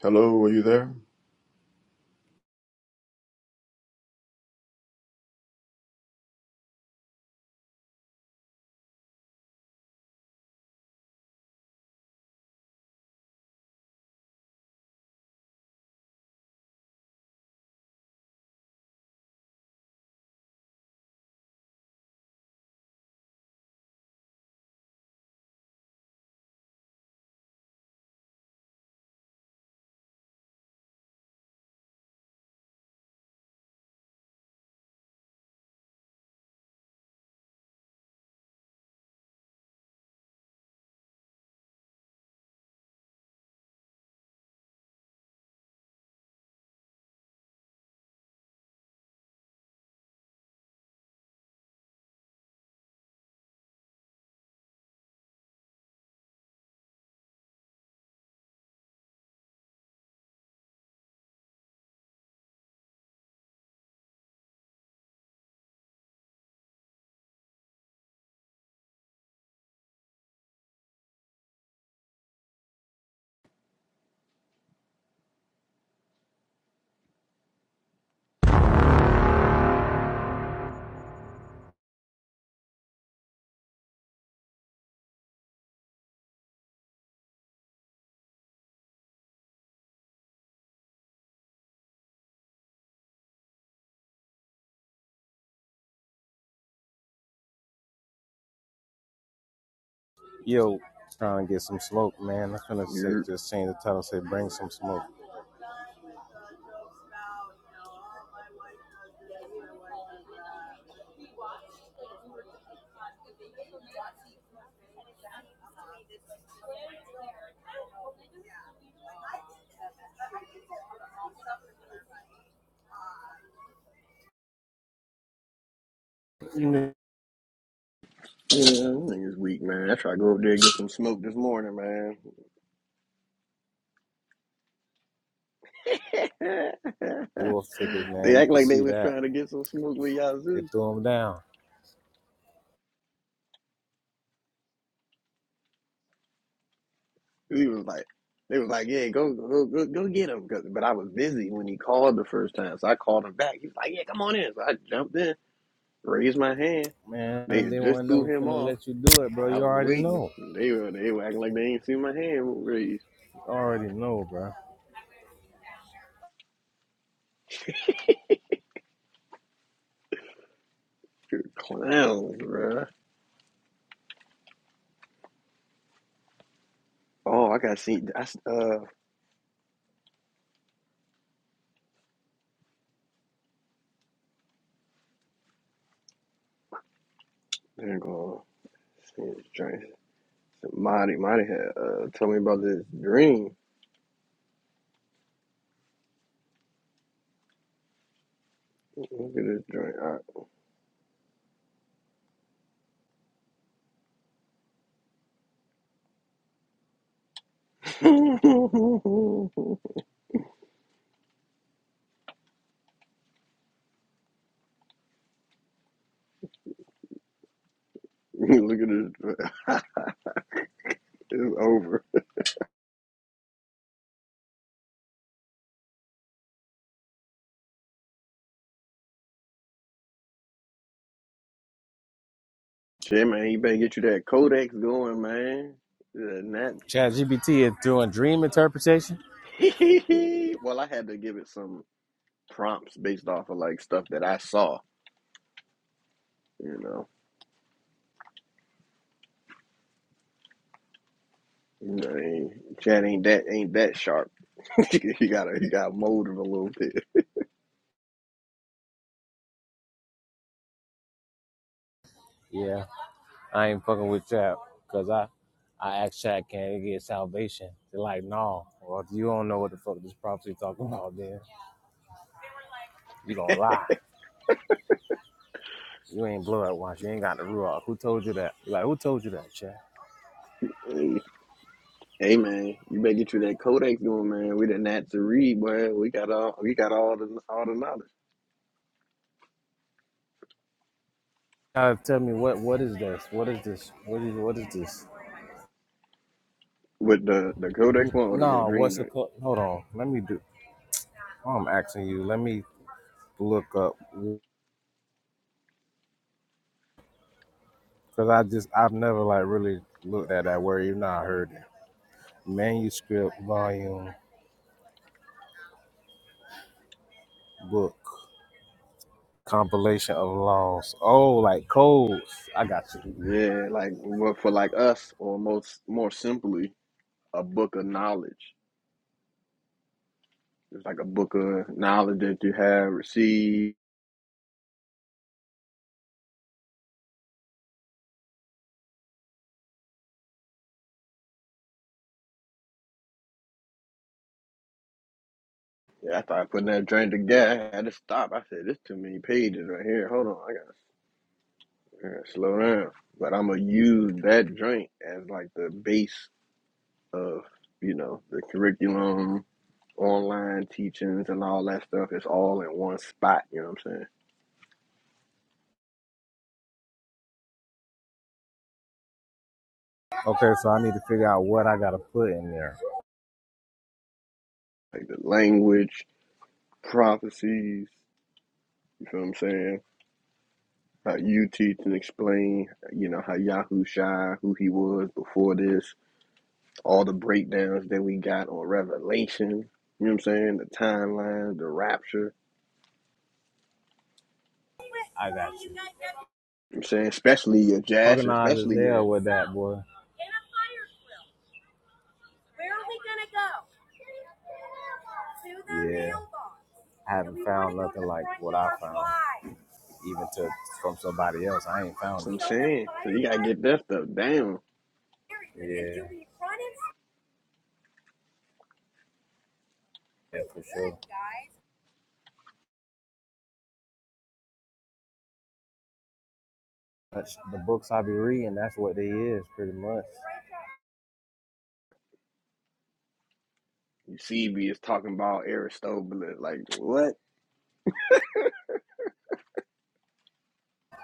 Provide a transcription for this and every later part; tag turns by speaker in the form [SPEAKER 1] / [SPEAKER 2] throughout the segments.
[SPEAKER 1] Hello, are you there?
[SPEAKER 2] Yo, trying to get some smoke, man. I'm gonna sit,
[SPEAKER 3] you
[SPEAKER 2] just change the title, say bring some smoke.
[SPEAKER 3] yeah, them niggas weak, man. I tried to go up there and get some smoke this morning, man.
[SPEAKER 2] Wolf tickets,
[SPEAKER 3] they
[SPEAKER 2] man. You
[SPEAKER 3] act
[SPEAKER 2] could
[SPEAKER 3] like they
[SPEAKER 2] see
[SPEAKER 3] was
[SPEAKER 2] that.
[SPEAKER 3] trying to get some smoke with
[SPEAKER 2] They
[SPEAKER 3] Yazoo.
[SPEAKER 2] threw them down.
[SPEAKER 3] He was like, they was like, yeah, go, go, go, go get him. 'Cause- But I was busy when he called the first time, so I called him back. He was like, yeah, come on in. So I jumped in, raised my hand. They
[SPEAKER 2] Man,
[SPEAKER 3] had
[SPEAKER 2] they
[SPEAKER 3] just
[SPEAKER 2] weren't
[SPEAKER 3] threw
[SPEAKER 2] never
[SPEAKER 3] him
[SPEAKER 2] finna
[SPEAKER 3] off.
[SPEAKER 2] let you do it, bro.
[SPEAKER 3] I
[SPEAKER 2] You
[SPEAKER 3] was
[SPEAKER 2] already
[SPEAKER 3] waiting.
[SPEAKER 2] know.
[SPEAKER 3] They were, they were acting like they ain't seen my hand raised.
[SPEAKER 2] You already know, bro.
[SPEAKER 3] Good clowns, bruh. Oh, I got to see. I s- uh, there you go. Marty, Marty had uh, told me about this dream. Look at this dream. I- Look at this dream. it's over. Shit, man, you better get you that codex going, man. And that.
[SPEAKER 2] Chat GPT is doing dream interpretation?
[SPEAKER 3] well, I had to give it some prompts based off of like stuff that I saw. You know, you know, ain't, Chad ain't that ain't that sharp. you gotta you gotta mold him a little bit.
[SPEAKER 2] Yeah. I ain't fucking with Chat because I, I asked Chat, can it get salvation? They're like, no. Well, if you don't know what the fuck this prophecy talking about, then. You gonna lie. You ain't blood watch. You ain't got the ruach. Who told you that? You're like, who told you that, Chat?
[SPEAKER 3] Hey man, you better get you that Kodak going, man. We didn't have to read, boy. We got all we got all the all the knowledge
[SPEAKER 2] gotta tell me what what is this? What is this? What is what is this?
[SPEAKER 3] with the the Kodak
[SPEAKER 2] N-
[SPEAKER 3] one or the little
[SPEAKER 2] No,
[SPEAKER 3] dream
[SPEAKER 2] what's the
[SPEAKER 3] drink.
[SPEAKER 2] co- hold on? Let me do. I'm asking you. Let me look up because I just I've never like really looked at that word. Even though I heard it. Manuscript volume book compilation of laws. Oh, like codes. I got you.
[SPEAKER 3] Yeah, like but for like us, or most more simply, a book of knowledge. It's like a book of knowledge that you have received. Yeah, after I put that drink together, I had to stop. I said, "This too many pages right here. Hold on, I gotta, I gotta slow down." But I'm gonna use that drink as like the base of you know the curriculum online teachings and all that stuff is all in one spot, you know what I'm saying?
[SPEAKER 2] Okay, so I need to figure out what I gotta put in there.
[SPEAKER 3] Like the language, prophecies, you feel what I'm saying? How you teach and explain, you know, how Yahusha, who he was before this, all the breakdowns that we got on Revelation, you know what I'm saying? The timeline, the rapture,
[SPEAKER 2] I got you.
[SPEAKER 3] you know what I'm saying? Especially your Jash,
[SPEAKER 2] Organized as
[SPEAKER 3] especially your,
[SPEAKER 2] hell with that boy. Yeah, I haven't found nothing like what I found, even to from somebody else. I ain't
[SPEAKER 3] that's
[SPEAKER 2] found
[SPEAKER 3] what
[SPEAKER 2] it.
[SPEAKER 3] I'm saying. So you gotta get that stuff down.
[SPEAKER 2] Yeah, yeah, for sure. That's the books I be reading. That's what they is, pretty much.
[SPEAKER 3] You see, is talking about Aristobulus, like, what?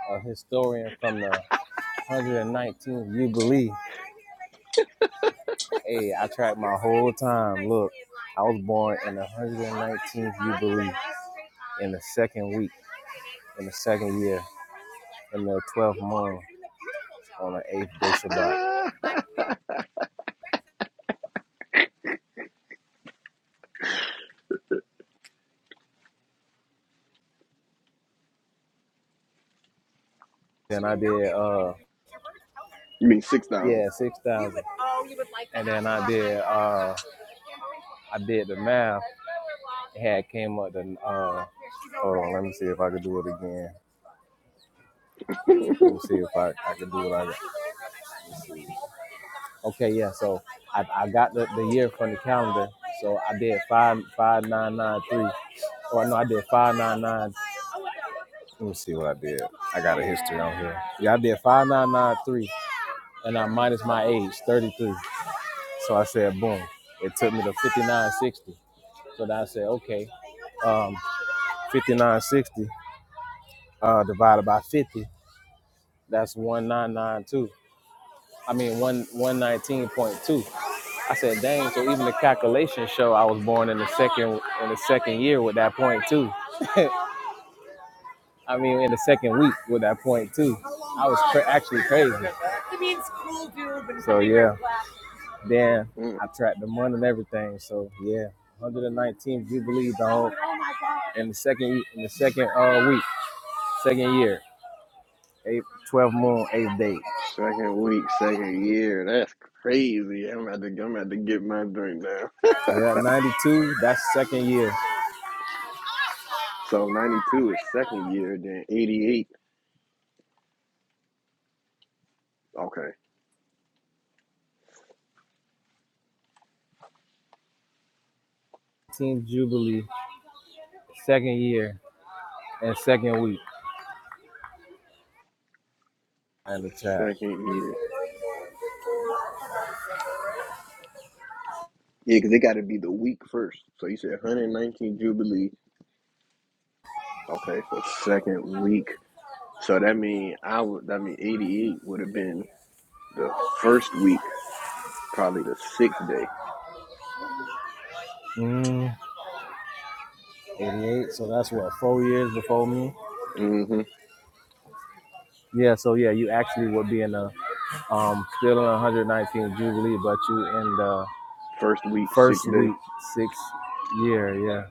[SPEAKER 2] a historian from the 119th Jubilee. Hey, I tracked my whole time. Look, I was born in the 119th Jubilee in the second week, in the second year, in the 12th month on the eighth day Shabbat.
[SPEAKER 3] Ah!
[SPEAKER 2] Then I did. uh.
[SPEAKER 3] You mean 6,000?
[SPEAKER 2] Yeah, six thousand. Oh, you would like that. And then I did uh I did the math. It had came up to uh hold on, let me see if I could do it again. Let me see if I, I could do it like that. Okay, yeah, so I, I got the, the year from the calendar. So I did five five nine nine three. Or no, I did five nine nine let me see what I did. I got a history on here. Yeah, I did five nine nine three and I minus my age, 33. So I said, boom. It took me to 5960. So then I said, okay, um, 5960 uh, divided by 50, that's 1992. I mean, one 119.2. I said, dang, so even the calculations show I was born in the second in the second year with that point two. I mean, in the second week with that point two. I was cra- actually crazy. So yeah. Then I tracked the month and everything. So yeah, 119th Jubilee, the whole in the second in the second uh week, second year, eight, twelfth moon, eighth day.
[SPEAKER 3] Second week, second year. That's crazy. I'm about to, I'm about to get my drink down.
[SPEAKER 2] We're at 92. That's second year.
[SPEAKER 3] So 92 is second year, then 88. Okay,
[SPEAKER 2] nineteenth Jubilee, second year and second week. And the chat.
[SPEAKER 3] second year. Yeah, because it got to be the week first. So you said 119 Jubilee. Okay, so second week. So that mean I would. That mean 88 would have been the first week, probably the sixth day.
[SPEAKER 2] Mm, 88. So that's
[SPEAKER 3] Okay.
[SPEAKER 2] what four years before me.
[SPEAKER 3] Mm-hmm.
[SPEAKER 2] Yeah. So yeah, you actually would be in the um still in 119th Jubilee, but you in the
[SPEAKER 3] First week,
[SPEAKER 2] first
[SPEAKER 3] sixth day.
[SPEAKER 2] week, sixth year. Yeah.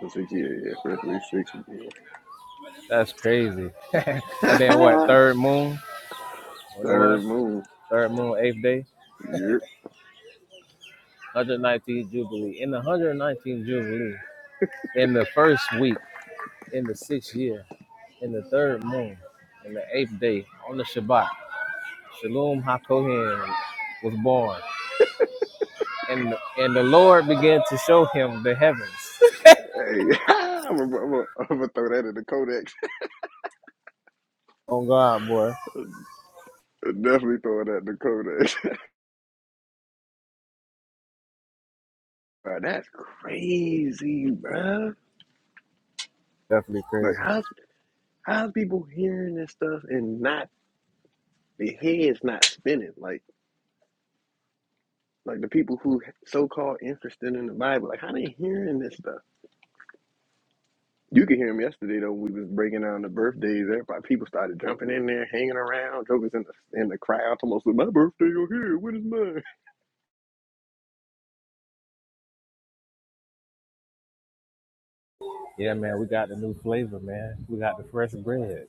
[SPEAKER 3] So six year, Yeah, yeah, first week, sixth
[SPEAKER 2] That's crazy. And then what?
[SPEAKER 3] year.
[SPEAKER 2] Third moon? What it was?
[SPEAKER 3] Third moon.
[SPEAKER 2] Third moon, eighth day,
[SPEAKER 3] Yep.
[SPEAKER 2] 119th jubilee. In the 119th jubilee, in the first week, in the sixth year, in the third moon, in the eighth day, on the Shabbat, Shalom Hakohen was born, and and the Lord began to show him the heavens.
[SPEAKER 3] Hey, I'm gonna I'm gonna throw that in the codex.
[SPEAKER 2] oh God, boy,
[SPEAKER 3] Definitely throw that in the codex. bro, that's crazy, bro.
[SPEAKER 2] definitely
[SPEAKER 3] Like,
[SPEAKER 2] crazy.
[SPEAKER 3] how's how's people hearing this stuff and not their heads not spinning? Like, like the people who so called interested in the Bible, like how they hearing this stuff? You could hear them yesterday though. When we was breaking down the birthdays. Everybody, people started jumping in there, hanging around. Jokers in the in the crowd. Almost, said, my birthday over here. What is mine?
[SPEAKER 2] Yeah, man, we got the new flavor, man. We got the fresh bread.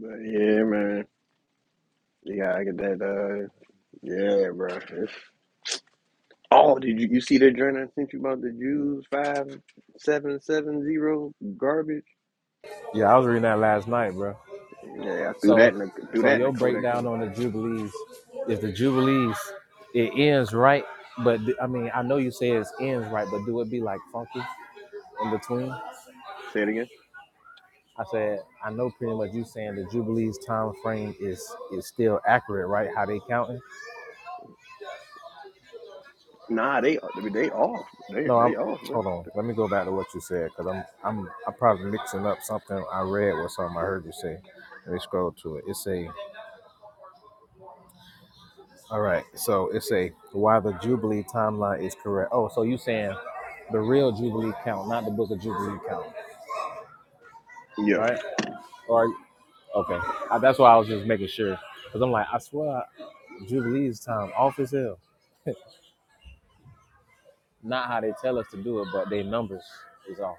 [SPEAKER 3] But yeah, man. Yeah, I get that. uh, Yeah, bro. It's, oh, did you, you see the joint I sent you about the Jews five seven seven zero garbage?
[SPEAKER 2] Yeah, I was reading that last night, bro.
[SPEAKER 3] Yeah, I threw
[SPEAKER 2] So,
[SPEAKER 3] that in the threw
[SPEAKER 2] so
[SPEAKER 3] that in the
[SPEAKER 2] your
[SPEAKER 3] codex
[SPEAKER 2] breakdown
[SPEAKER 3] on.
[SPEAKER 2] on the jubilees is the jubilees. It ends right, but th- I mean, I know you say it ends right, but do it be like funky in between?
[SPEAKER 3] Say it again.
[SPEAKER 2] I said, I know pretty much you saying the jubilees time frame is is still accurate, right? How they counting?
[SPEAKER 3] Nah, they they off. They
[SPEAKER 2] No, I'm.
[SPEAKER 3] they off, bro.
[SPEAKER 2] Hold on, let me go back to what you said because I'm I'm I'm probably mixing up something I read with something I heard you say. Let me scroll to it. It say All right. So it's a why the Jubilee timeline is correct. Oh, so you saying the real Jubilee count, not the Book of Jubilee count,
[SPEAKER 3] Yeah,
[SPEAKER 2] right? Or okay, I, that's why I was just making sure because I'm like, I swear Jubilee's time off as hell. Not how they tell us to do it, but their numbers is off.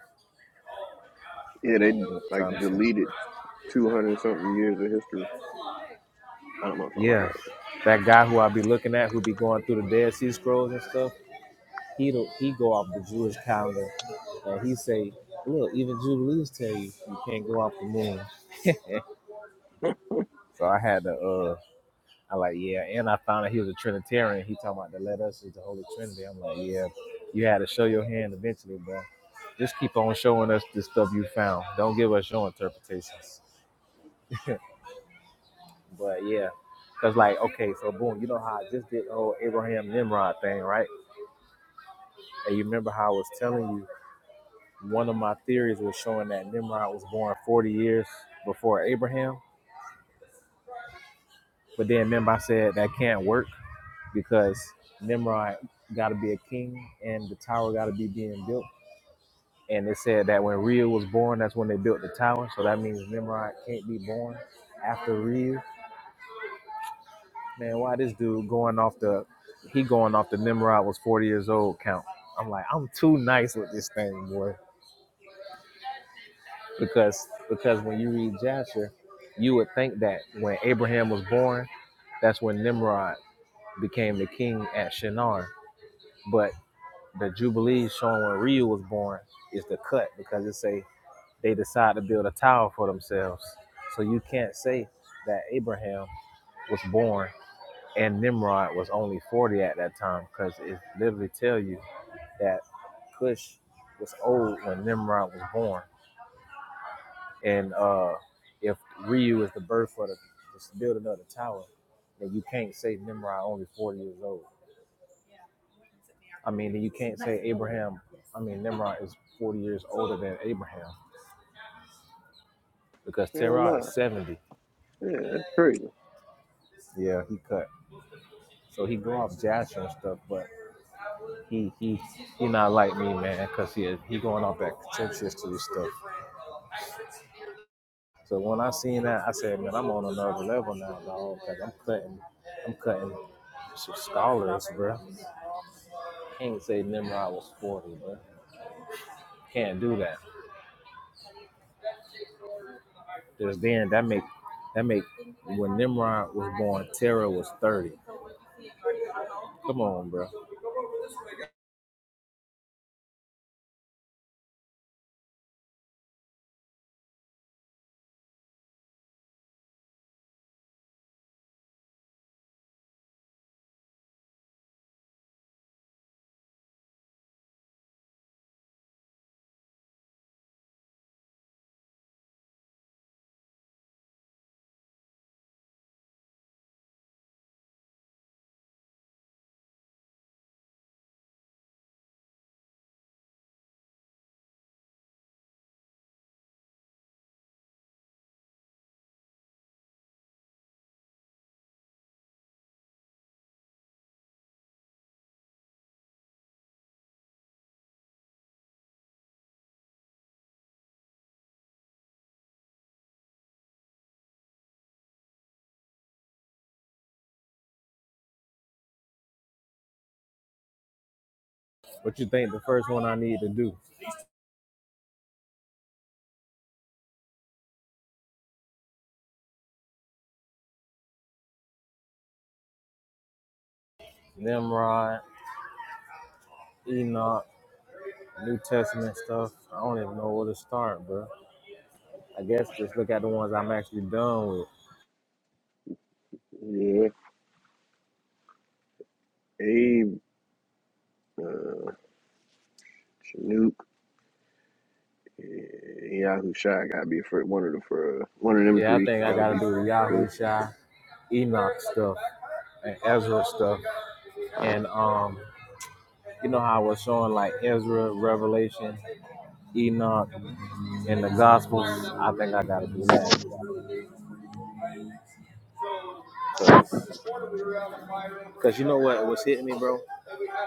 [SPEAKER 2] That's
[SPEAKER 3] yeah.
[SPEAKER 2] what
[SPEAKER 3] They
[SPEAKER 2] I'm
[SPEAKER 3] like
[SPEAKER 2] trying to say.
[SPEAKER 3] deleted two hundred something years of history. I don't know if I'm about
[SPEAKER 2] Yeah,
[SPEAKER 3] that.
[SPEAKER 2] that guy who I be looking at, who be going through the Dead Sea Scrolls and stuff, he do he go off the Jewish calendar, and he say, look, even Jubilees tell you you can't go off the moon. And So I had to, uh, I like, yeah. And I found out he was a Trinitarian. He talking about the let us is the Holy Trinity. I'm like, yeah, you had to show your hand eventually, bro. Just keep on showing us the stuff you found. Don't give us your interpretations. But yeah, because like, okay, so boom, you know how I just did the whole Abraham Nimrod thing, right? And you remember how I was telling you one of my theories was showing that Nimrod was born 40 years before Abraham. But then remember I said that can't work because Nimrod got to be a king and the tower got to be being built. And it said that when Reu was born, that's when they built the tower. So that means Nimrod can't be born after Reu. Man, why this dude going off the he going off the Nimrod was 40 years old count. I'm like, I'm too nice with this thing, boy. Because because when you read Jasher, you would think that when Abraham was born, that's when Nimrod became the king at Shinar. but. the Jubilee showing when Ryu was born is the cut because it say they decide to build a tower for themselves. So you can't say that Abraham was born and Nimrod was only 40 at that time because it literally tell you that Cush was old when Nimrod was born. And uh, if Ryu is the birth for the just build another tower, then you can't say Nimrod only 40 years old. I mean, you can't say Abraham, I mean, Nimrod is 40 years older than Abraham. because
[SPEAKER 3] Hell
[SPEAKER 2] Terrell is
[SPEAKER 3] nah.
[SPEAKER 2] 70.
[SPEAKER 3] Yeah, that's crazy.
[SPEAKER 2] Yeah, he cut. So he go off Jasher and stuff, but he he he not like me, man, because he he going off that contentious to stuff. So when I seen that, I said, man, I'm on another level now, dog. Cause I'm cutting, I'm cutting some scholars, bro. Can't say Nimrod was 40, bro. Can't do that. There's then that make that make when Nimrod was born, Terra was 30. Come on, bro. What you think the first one I need to do? Nimrod, Enoch. New Testament stuff. I don't even know where to start, bro. I guess just look at the ones I'm actually done with.
[SPEAKER 3] Yeah, Abe Chinook, yeah, Yahoo Shot gotta be for one of the for one of them
[SPEAKER 2] Yeah, I
[SPEAKER 3] three.
[SPEAKER 2] think I
[SPEAKER 3] Gotta
[SPEAKER 2] gotta
[SPEAKER 3] be
[SPEAKER 2] do the
[SPEAKER 3] for
[SPEAKER 2] Yahoo Shai, Enoch stuff, and Ezra stuff. And um, you know how I was showing like Ezra, Revelation, Enoch, and the Gospels. I think I gotta do that, cause, cause you know what was hitting me, bro.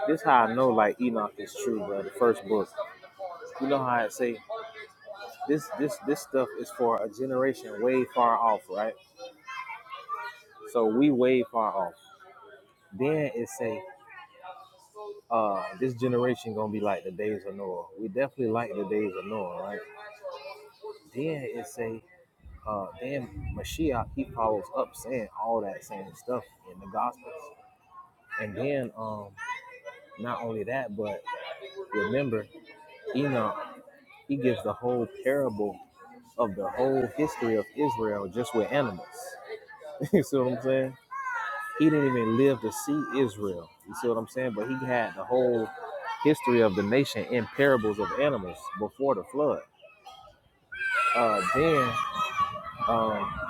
[SPEAKER 2] This how I know like Enoch is true, bro. The first book. You know how I say this, this, this stuff is for a generation way far off, right? So we way far off. Then it say, uh, this generation gonna be like the days of Noah. We definitely like the days of Noah, right? Then it say, uh, then Mashiach he follows up saying all that same stuff in the Gospels. And then, um, not only that, but remember, Enoch he gives the whole parable of the whole history of Israel just with animals. you see what I'm saying? He didn't even live to see Israel. You see what I'm saying? But he had the whole history of the nation in parables of animals before the flood. Uh, then um,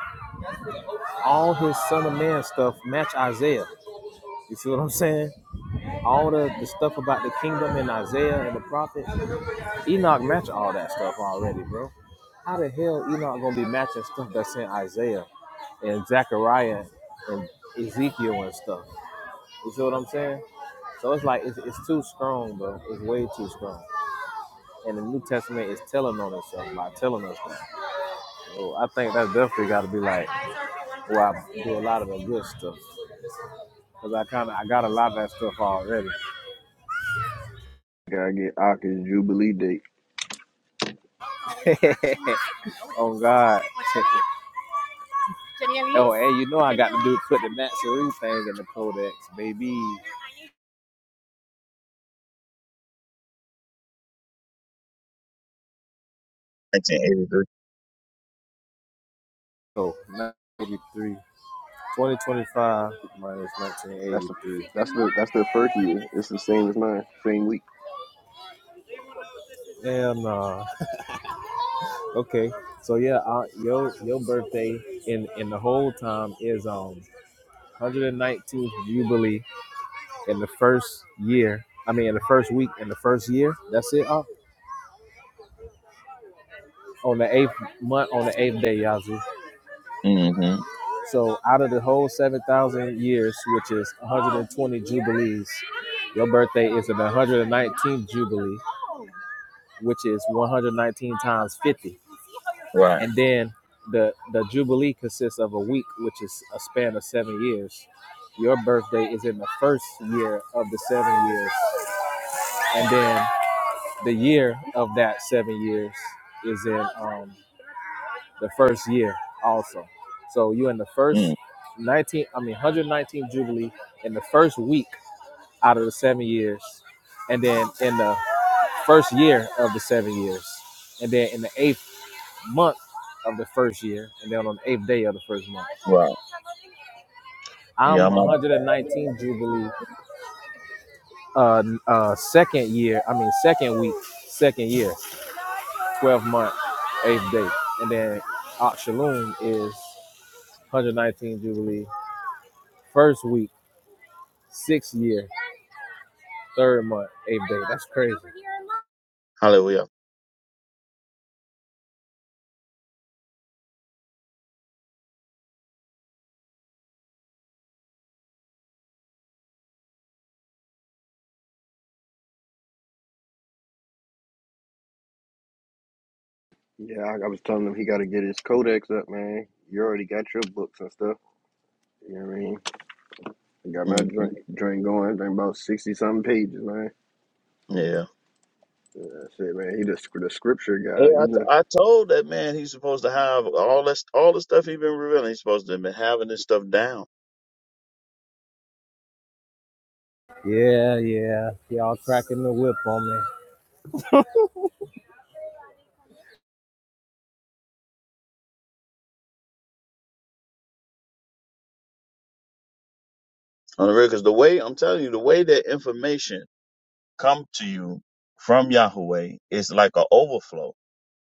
[SPEAKER 2] all his Son of Man stuff match Isaiah. You see what I'm saying? All the, the stuff about the kingdom in Isaiah and the prophets, Enoch match all that stuff already, bro. How the hell Enoch gonna be matching stuff that's in Isaiah and Zechariah and Ezekiel and stuff? You see what I'm saying? So it's like it's, it's too strong, bro. It's way too strong. And the New Testament is telling on itself, like telling us that. So I think that's definitely got to be like where I do a lot of the good stuff, cause I kind of I got a lot of that stuff already.
[SPEAKER 3] gotta get Aka's Jubilee date.
[SPEAKER 2] oh God. oh, and you know I got to do put the Nazarene thing in the codex, baby.
[SPEAKER 4] 1983.
[SPEAKER 2] So 93. 2025 minus
[SPEAKER 3] That's the
[SPEAKER 2] 1983. Good
[SPEAKER 3] that's
[SPEAKER 2] morning.
[SPEAKER 3] the that's the first year. It's the same as mine, same week.
[SPEAKER 2] And uh, okay, so yeah, uh, your your birthday in in the whole time is um 119th jubilee in the first year. I mean, in the first week, in the first year. That's it. Uh, on the eighth month, on the eighth day, Yazoo.
[SPEAKER 4] Mm-hmm.
[SPEAKER 2] So out of the whole 7,000 years, which is 120 jubilees, your birthday is the 119th jubilee, which is 119 times 50.
[SPEAKER 4] Right.
[SPEAKER 2] And then the the jubilee consists of a week, which is a span of 7 years. Your birthday is in the first year of the 7 years. And then the year of that 7 years is in um the first year also. So you in the first
[SPEAKER 4] Mm,
[SPEAKER 2] 19, I mean 119 Jubilee in the first week out of the seven years, and then in the first year of the seven years, and then in the eighth month of the first year, and then on the eighth day of the first month.
[SPEAKER 4] right. Yeah,
[SPEAKER 2] I'm
[SPEAKER 4] I'm
[SPEAKER 2] 119
[SPEAKER 4] on.
[SPEAKER 2] Jubilee, uh, uh, second year, I mean second week, second year, 12 month, eighth day, and then Oxalum is 119 Jubilee, first week Sixth year, third month, eighth day. That's crazy.
[SPEAKER 4] Hallelujah.
[SPEAKER 3] Yeah, I, I was telling him he got to get his codex up, man. You already got your books and stuff. You know what I mean? I got my
[SPEAKER 4] hmm
[SPEAKER 3] drink, drink going. Drink about sixty something pages, man.
[SPEAKER 4] Yeah.
[SPEAKER 3] Yeah, That's it, man. He the, the scripture
[SPEAKER 4] Yeah,
[SPEAKER 3] guy.
[SPEAKER 4] I,
[SPEAKER 3] You
[SPEAKER 4] t-
[SPEAKER 3] know,
[SPEAKER 4] I told that man he's supposed to have all that st- all the stuff he has been revealing. He's supposed to have been having this stuff down
[SPEAKER 2] Yeah, yeah. Y'all cracking the whip on me.
[SPEAKER 4] on the real. Because the way I'm telling you, the way that information come to you from Yahweh is like an overflow.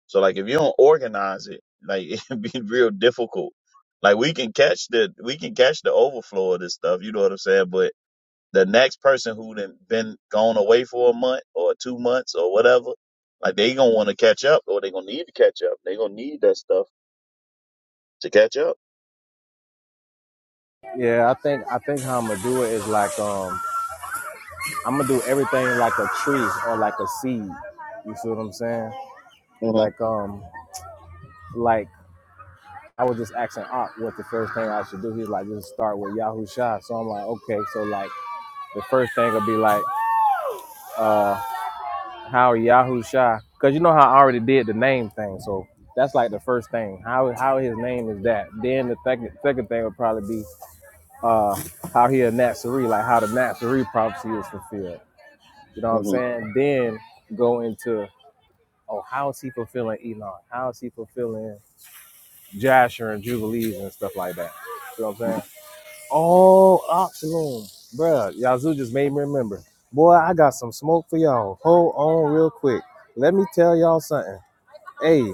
[SPEAKER 4] So like if you don't organize it, like it'd be real difficult. Like we can catch the we can catch the overflow of this stuff. You know what I'm saying? But the next person who done been gone away for a month or two months or whatever, like they gonna want to catch up or they gonna need to catch up. They gonna need that stuff to catch up.
[SPEAKER 2] Yeah, I think I think how I'm gonna do it is like um I'm gonna do everything like a tree or like a seed. You see what I'm saying?
[SPEAKER 4] hmm
[SPEAKER 2] Like um like I was just asking Op what the first thing I should do. He's like, just start with Yahoo Shah. So I'm like, okay. So like the first thing will be like uh. How Yahoo Shah? Because you know how I already did the name thing, so that's like the first thing. How how his name is that? Then the second second thing would probably be uh how he a Nazarene, like how the Nazarene prophecy is fulfilled. You know what I'm
[SPEAKER 4] hmm
[SPEAKER 2] saying? Then go into oh how is he fulfilling Enoch? How is he fulfilling Jasher and Jubilees and stuff like that? You know what I'm saying? Oh, Oxalum, bruh, Yazoo just made me remember. Boy, I got some smoke for y'all. Hold on real quick. Let me tell y'all something. Hey,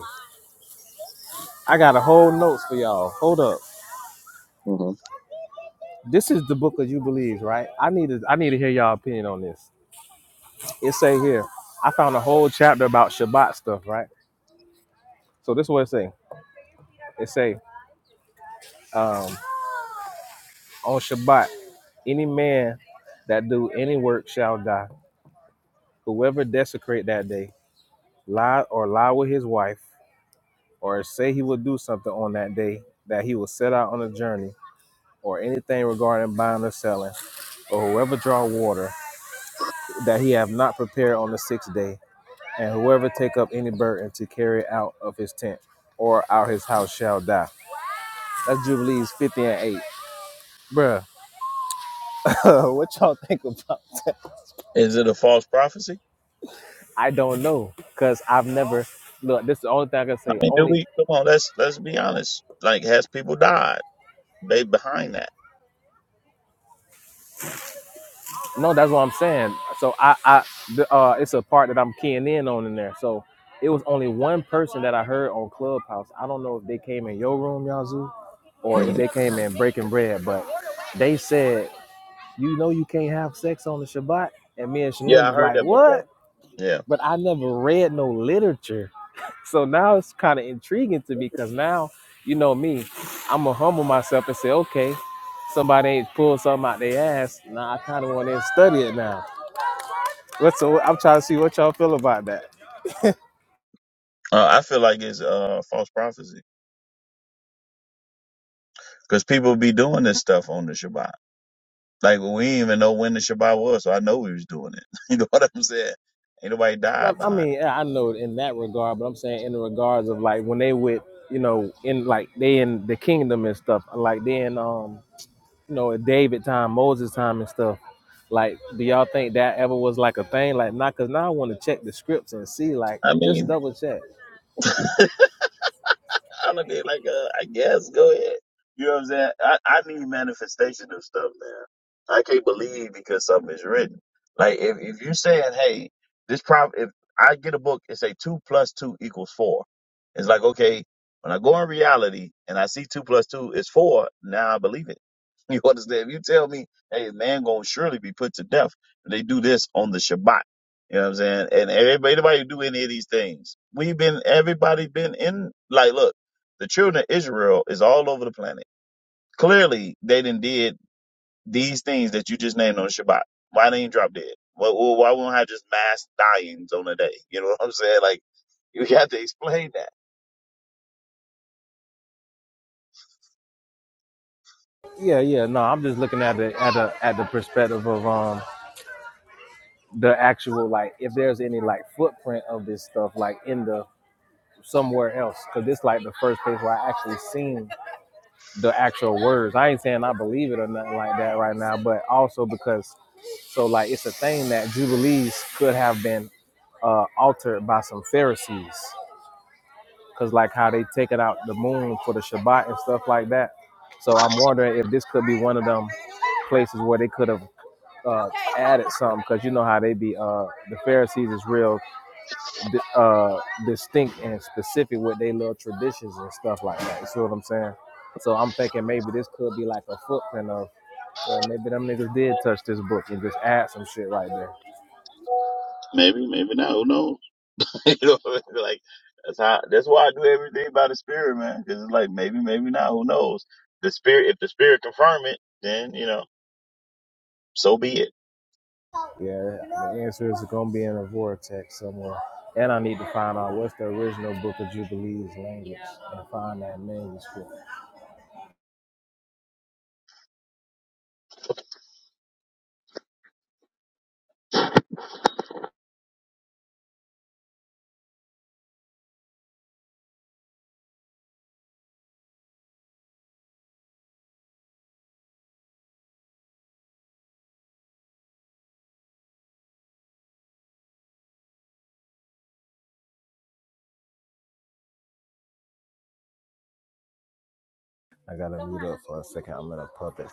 [SPEAKER 2] I got a whole notes for y'all. Hold up.
[SPEAKER 4] hmm
[SPEAKER 2] This is the book of Jubilees, right? I need to I need to hear y'all opinion on this. It say here, I found a whole chapter about Shabbat stuff, right? So this is what it say. It say, um, on Shabbat, any man that do any work shall die. Whoever desecrate that day, lie or lie with his wife, or say he will do something on that day that he will set out on a journey, or anything regarding buying or selling, or whoever draw water that he have not prepared on the sixth day, and whoever take up any burden to carry it out of his tent or out his house shall die. That's Jubilees 50 and 8. Bruh, what y'all think about that?
[SPEAKER 4] Is it a false prophecy?
[SPEAKER 2] I don't know, because I've never look, this is the only thing I can
[SPEAKER 4] I
[SPEAKER 2] say.
[SPEAKER 4] mean, do
[SPEAKER 2] Only
[SPEAKER 4] we come on? Let's let's be honest. Like, has people died? They behind that.
[SPEAKER 2] no, that's what I'm saying. So I I the, uh it's a part that I'm keying in on in there. So it was only one person that I heard on Clubhouse. I don't know if they came in your room, Yazoo, or
[SPEAKER 4] hmm
[SPEAKER 2] if they came in breaking bread, but they said You know you can't have sex on the Shabbat. And me and Shalom
[SPEAKER 4] Yeah, I
[SPEAKER 2] was
[SPEAKER 4] heard
[SPEAKER 2] like,
[SPEAKER 4] that before.
[SPEAKER 2] what?
[SPEAKER 4] Yeah,
[SPEAKER 2] But I never read no literature. So now it's kind of intriguing to me because now, you know me, I'm going to humble myself and say, okay, somebody ain't pulled something out their ass. Now I kind of want to study it now. What's so I'm trying to see what y'all feel about that.
[SPEAKER 4] uh, I feel like it's uh, false prophecy because people be doing this stuff on the Shabbat. Like we didn't even know when the Shabbat was, so I know we was doing it. you know what I'm saying? Ain't nobody
[SPEAKER 2] No,
[SPEAKER 4] died
[SPEAKER 2] I
[SPEAKER 4] behind
[SPEAKER 2] mean,
[SPEAKER 4] it.
[SPEAKER 2] yeah, I know in that regard, but I'm saying in the regards of like when they with, you know, in like they in the kingdom and stuff, like they in um you know, at David time, Moses time, and stuff. Like, do y'all think that ever was like a thing? Like, not because now I want to check the scripts and see, like,
[SPEAKER 4] I
[SPEAKER 2] just
[SPEAKER 4] mean,
[SPEAKER 2] double check.
[SPEAKER 4] I'll be like, uh, I guess, go ahead. You know what I'm saying? I, I need manifestation of stuff, man. I can't believe because something is written. Like if, if you're saying, hey, this problem, if I get a book and say two plus two equals four, it's like, okay, when I go in reality and I see two plus two is four, now I believe it. You understand? If you tell me, hey, man gonna surely be put to death, they do this on the Shabbat. You know what I'm saying? And everybody, everybody do any of these things. We've been, everybody been in, like, look. The children of Israel is all over the planet. Clearly, they done did these things that you just named on Shabbat. Why they ain't drop dead? Why, why won't I just mass dyings on the day? You know what I'm saying? Like, you got to explain that.
[SPEAKER 2] Yeah, yeah. No, I'm just looking at the at the at the perspective of um the actual like if there's any like footprint of this stuff like in the somewhere else because this like the first place where I actually seen the actual words. I ain't saying I believe it or nothing like that right now, but also because so like it's a thing that jubilees could have been uh, altered by some Pharisees because like how they taking out the moon for the Shabbat and stuff like that. So I'm wondering if this could be one of them places where they could have uh, added some, because you know how they be. Uh, the Pharisees is real di- uh, distinct and specific with their little traditions and stuff like that. You see what I'm saying? So I'm thinking maybe this could be like a footprint of, yeah, maybe them niggas did touch this book and just add some shit right there.
[SPEAKER 4] Maybe, maybe not. Who knows? you know, what I mean? like that's how. That's why I do everything by the spirit, man. Because it's like maybe, maybe not. Who knows? The spirit. If the spirit confirm it, then you know, so be it.
[SPEAKER 2] Yeah, the answer is going to be in a vortex somewhere. And I need to find out what's the original Book of Jubilees language and find that manuscript. I got to mute up for a second. I'm in a puppet.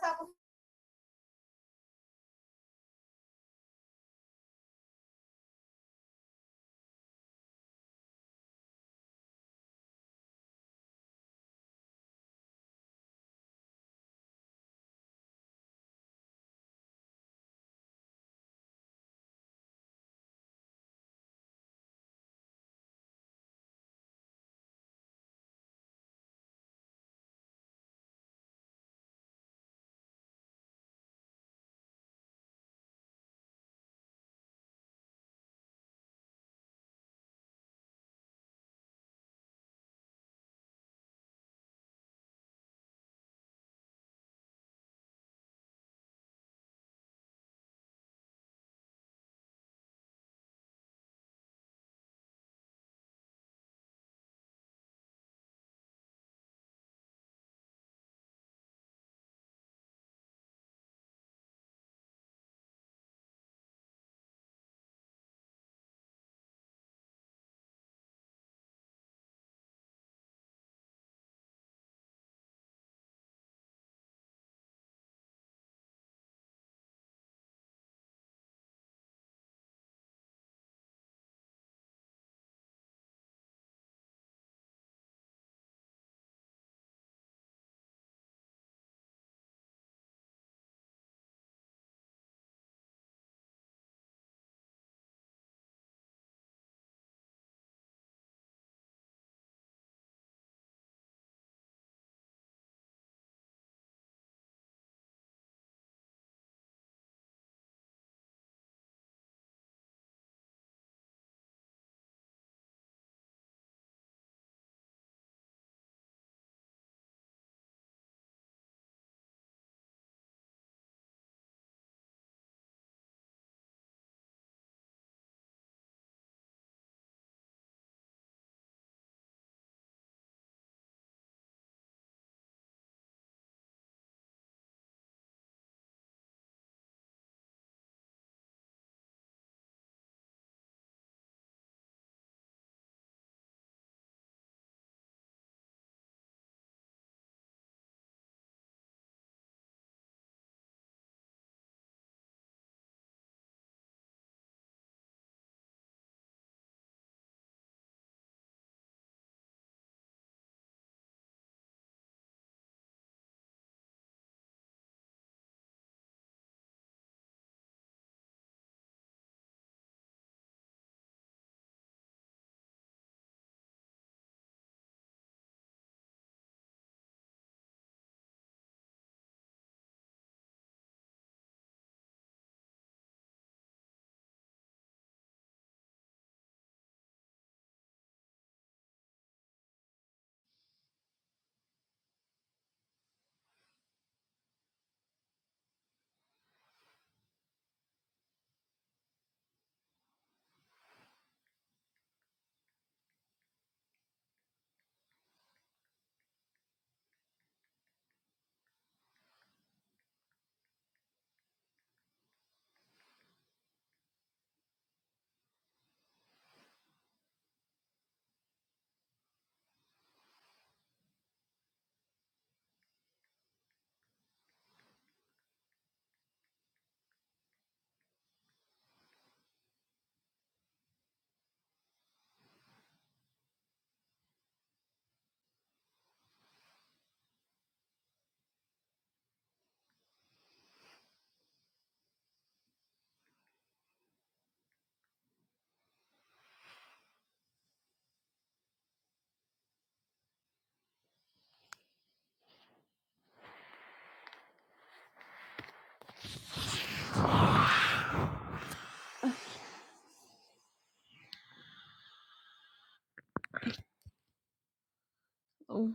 [SPEAKER 5] Oh,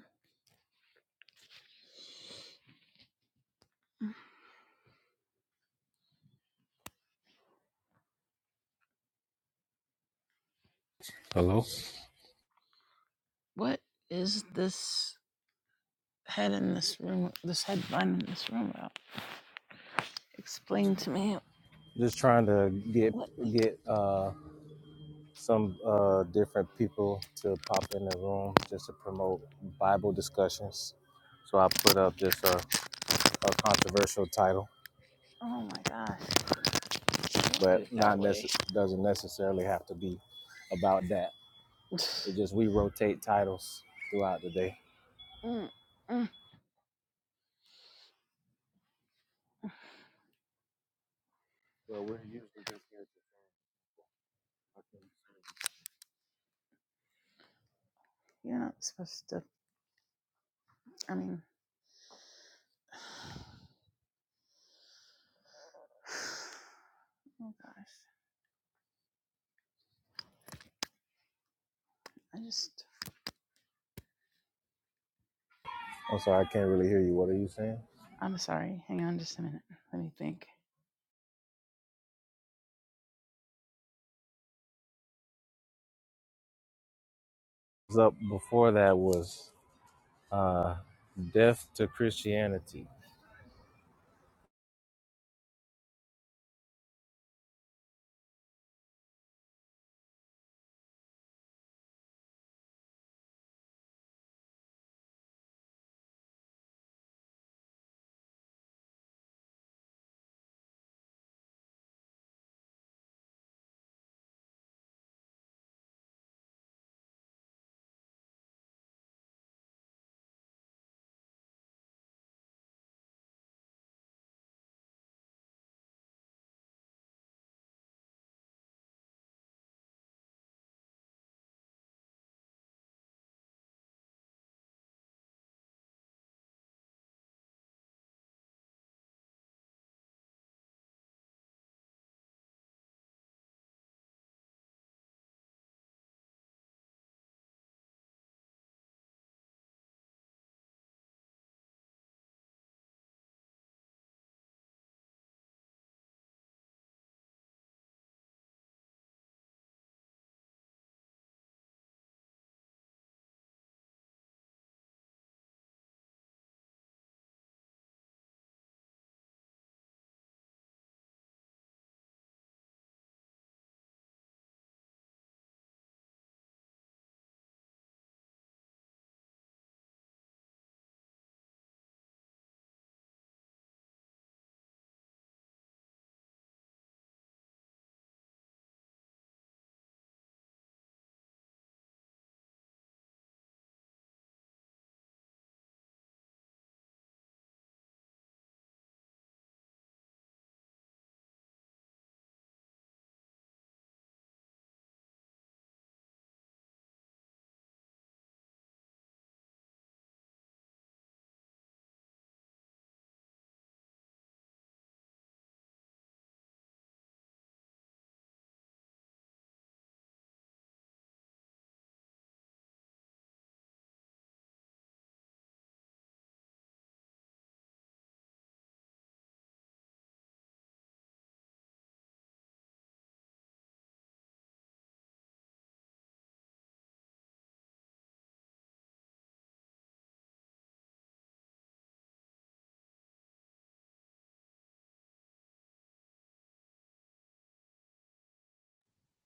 [SPEAKER 5] what is this head in this room? This headband in this room about? Explain to me.
[SPEAKER 2] Just trying to get
[SPEAKER 5] What?
[SPEAKER 2] get uh, some uh, different people to pop in the room just to promote Bible discussions. So I put up just a, a controversial title,
[SPEAKER 5] Oh my gosh! Don't do
[SPEAKER 2] but
[SPEAKER 5] it
[SPEAKER 2] not
[SPEAKER 5] that
[SPEAKER 2] nece-
[SPEAKER 5] way.
[SPEAKER 2] doesn't necessarily have to be about that. It just we rotate titles throughout the day.
[SPEAKER 5] Mm, mm, You're not supposed to. I mean, oh gosh! I just.
[SPEAKER 2] I'm sorry, I can't really hear you. What are you saying?
[SPEAKER 5] I'm sorry. Hang on, just a minute. Let me think.
[SPEAKER 2] Up before that was uh, death to Christianity.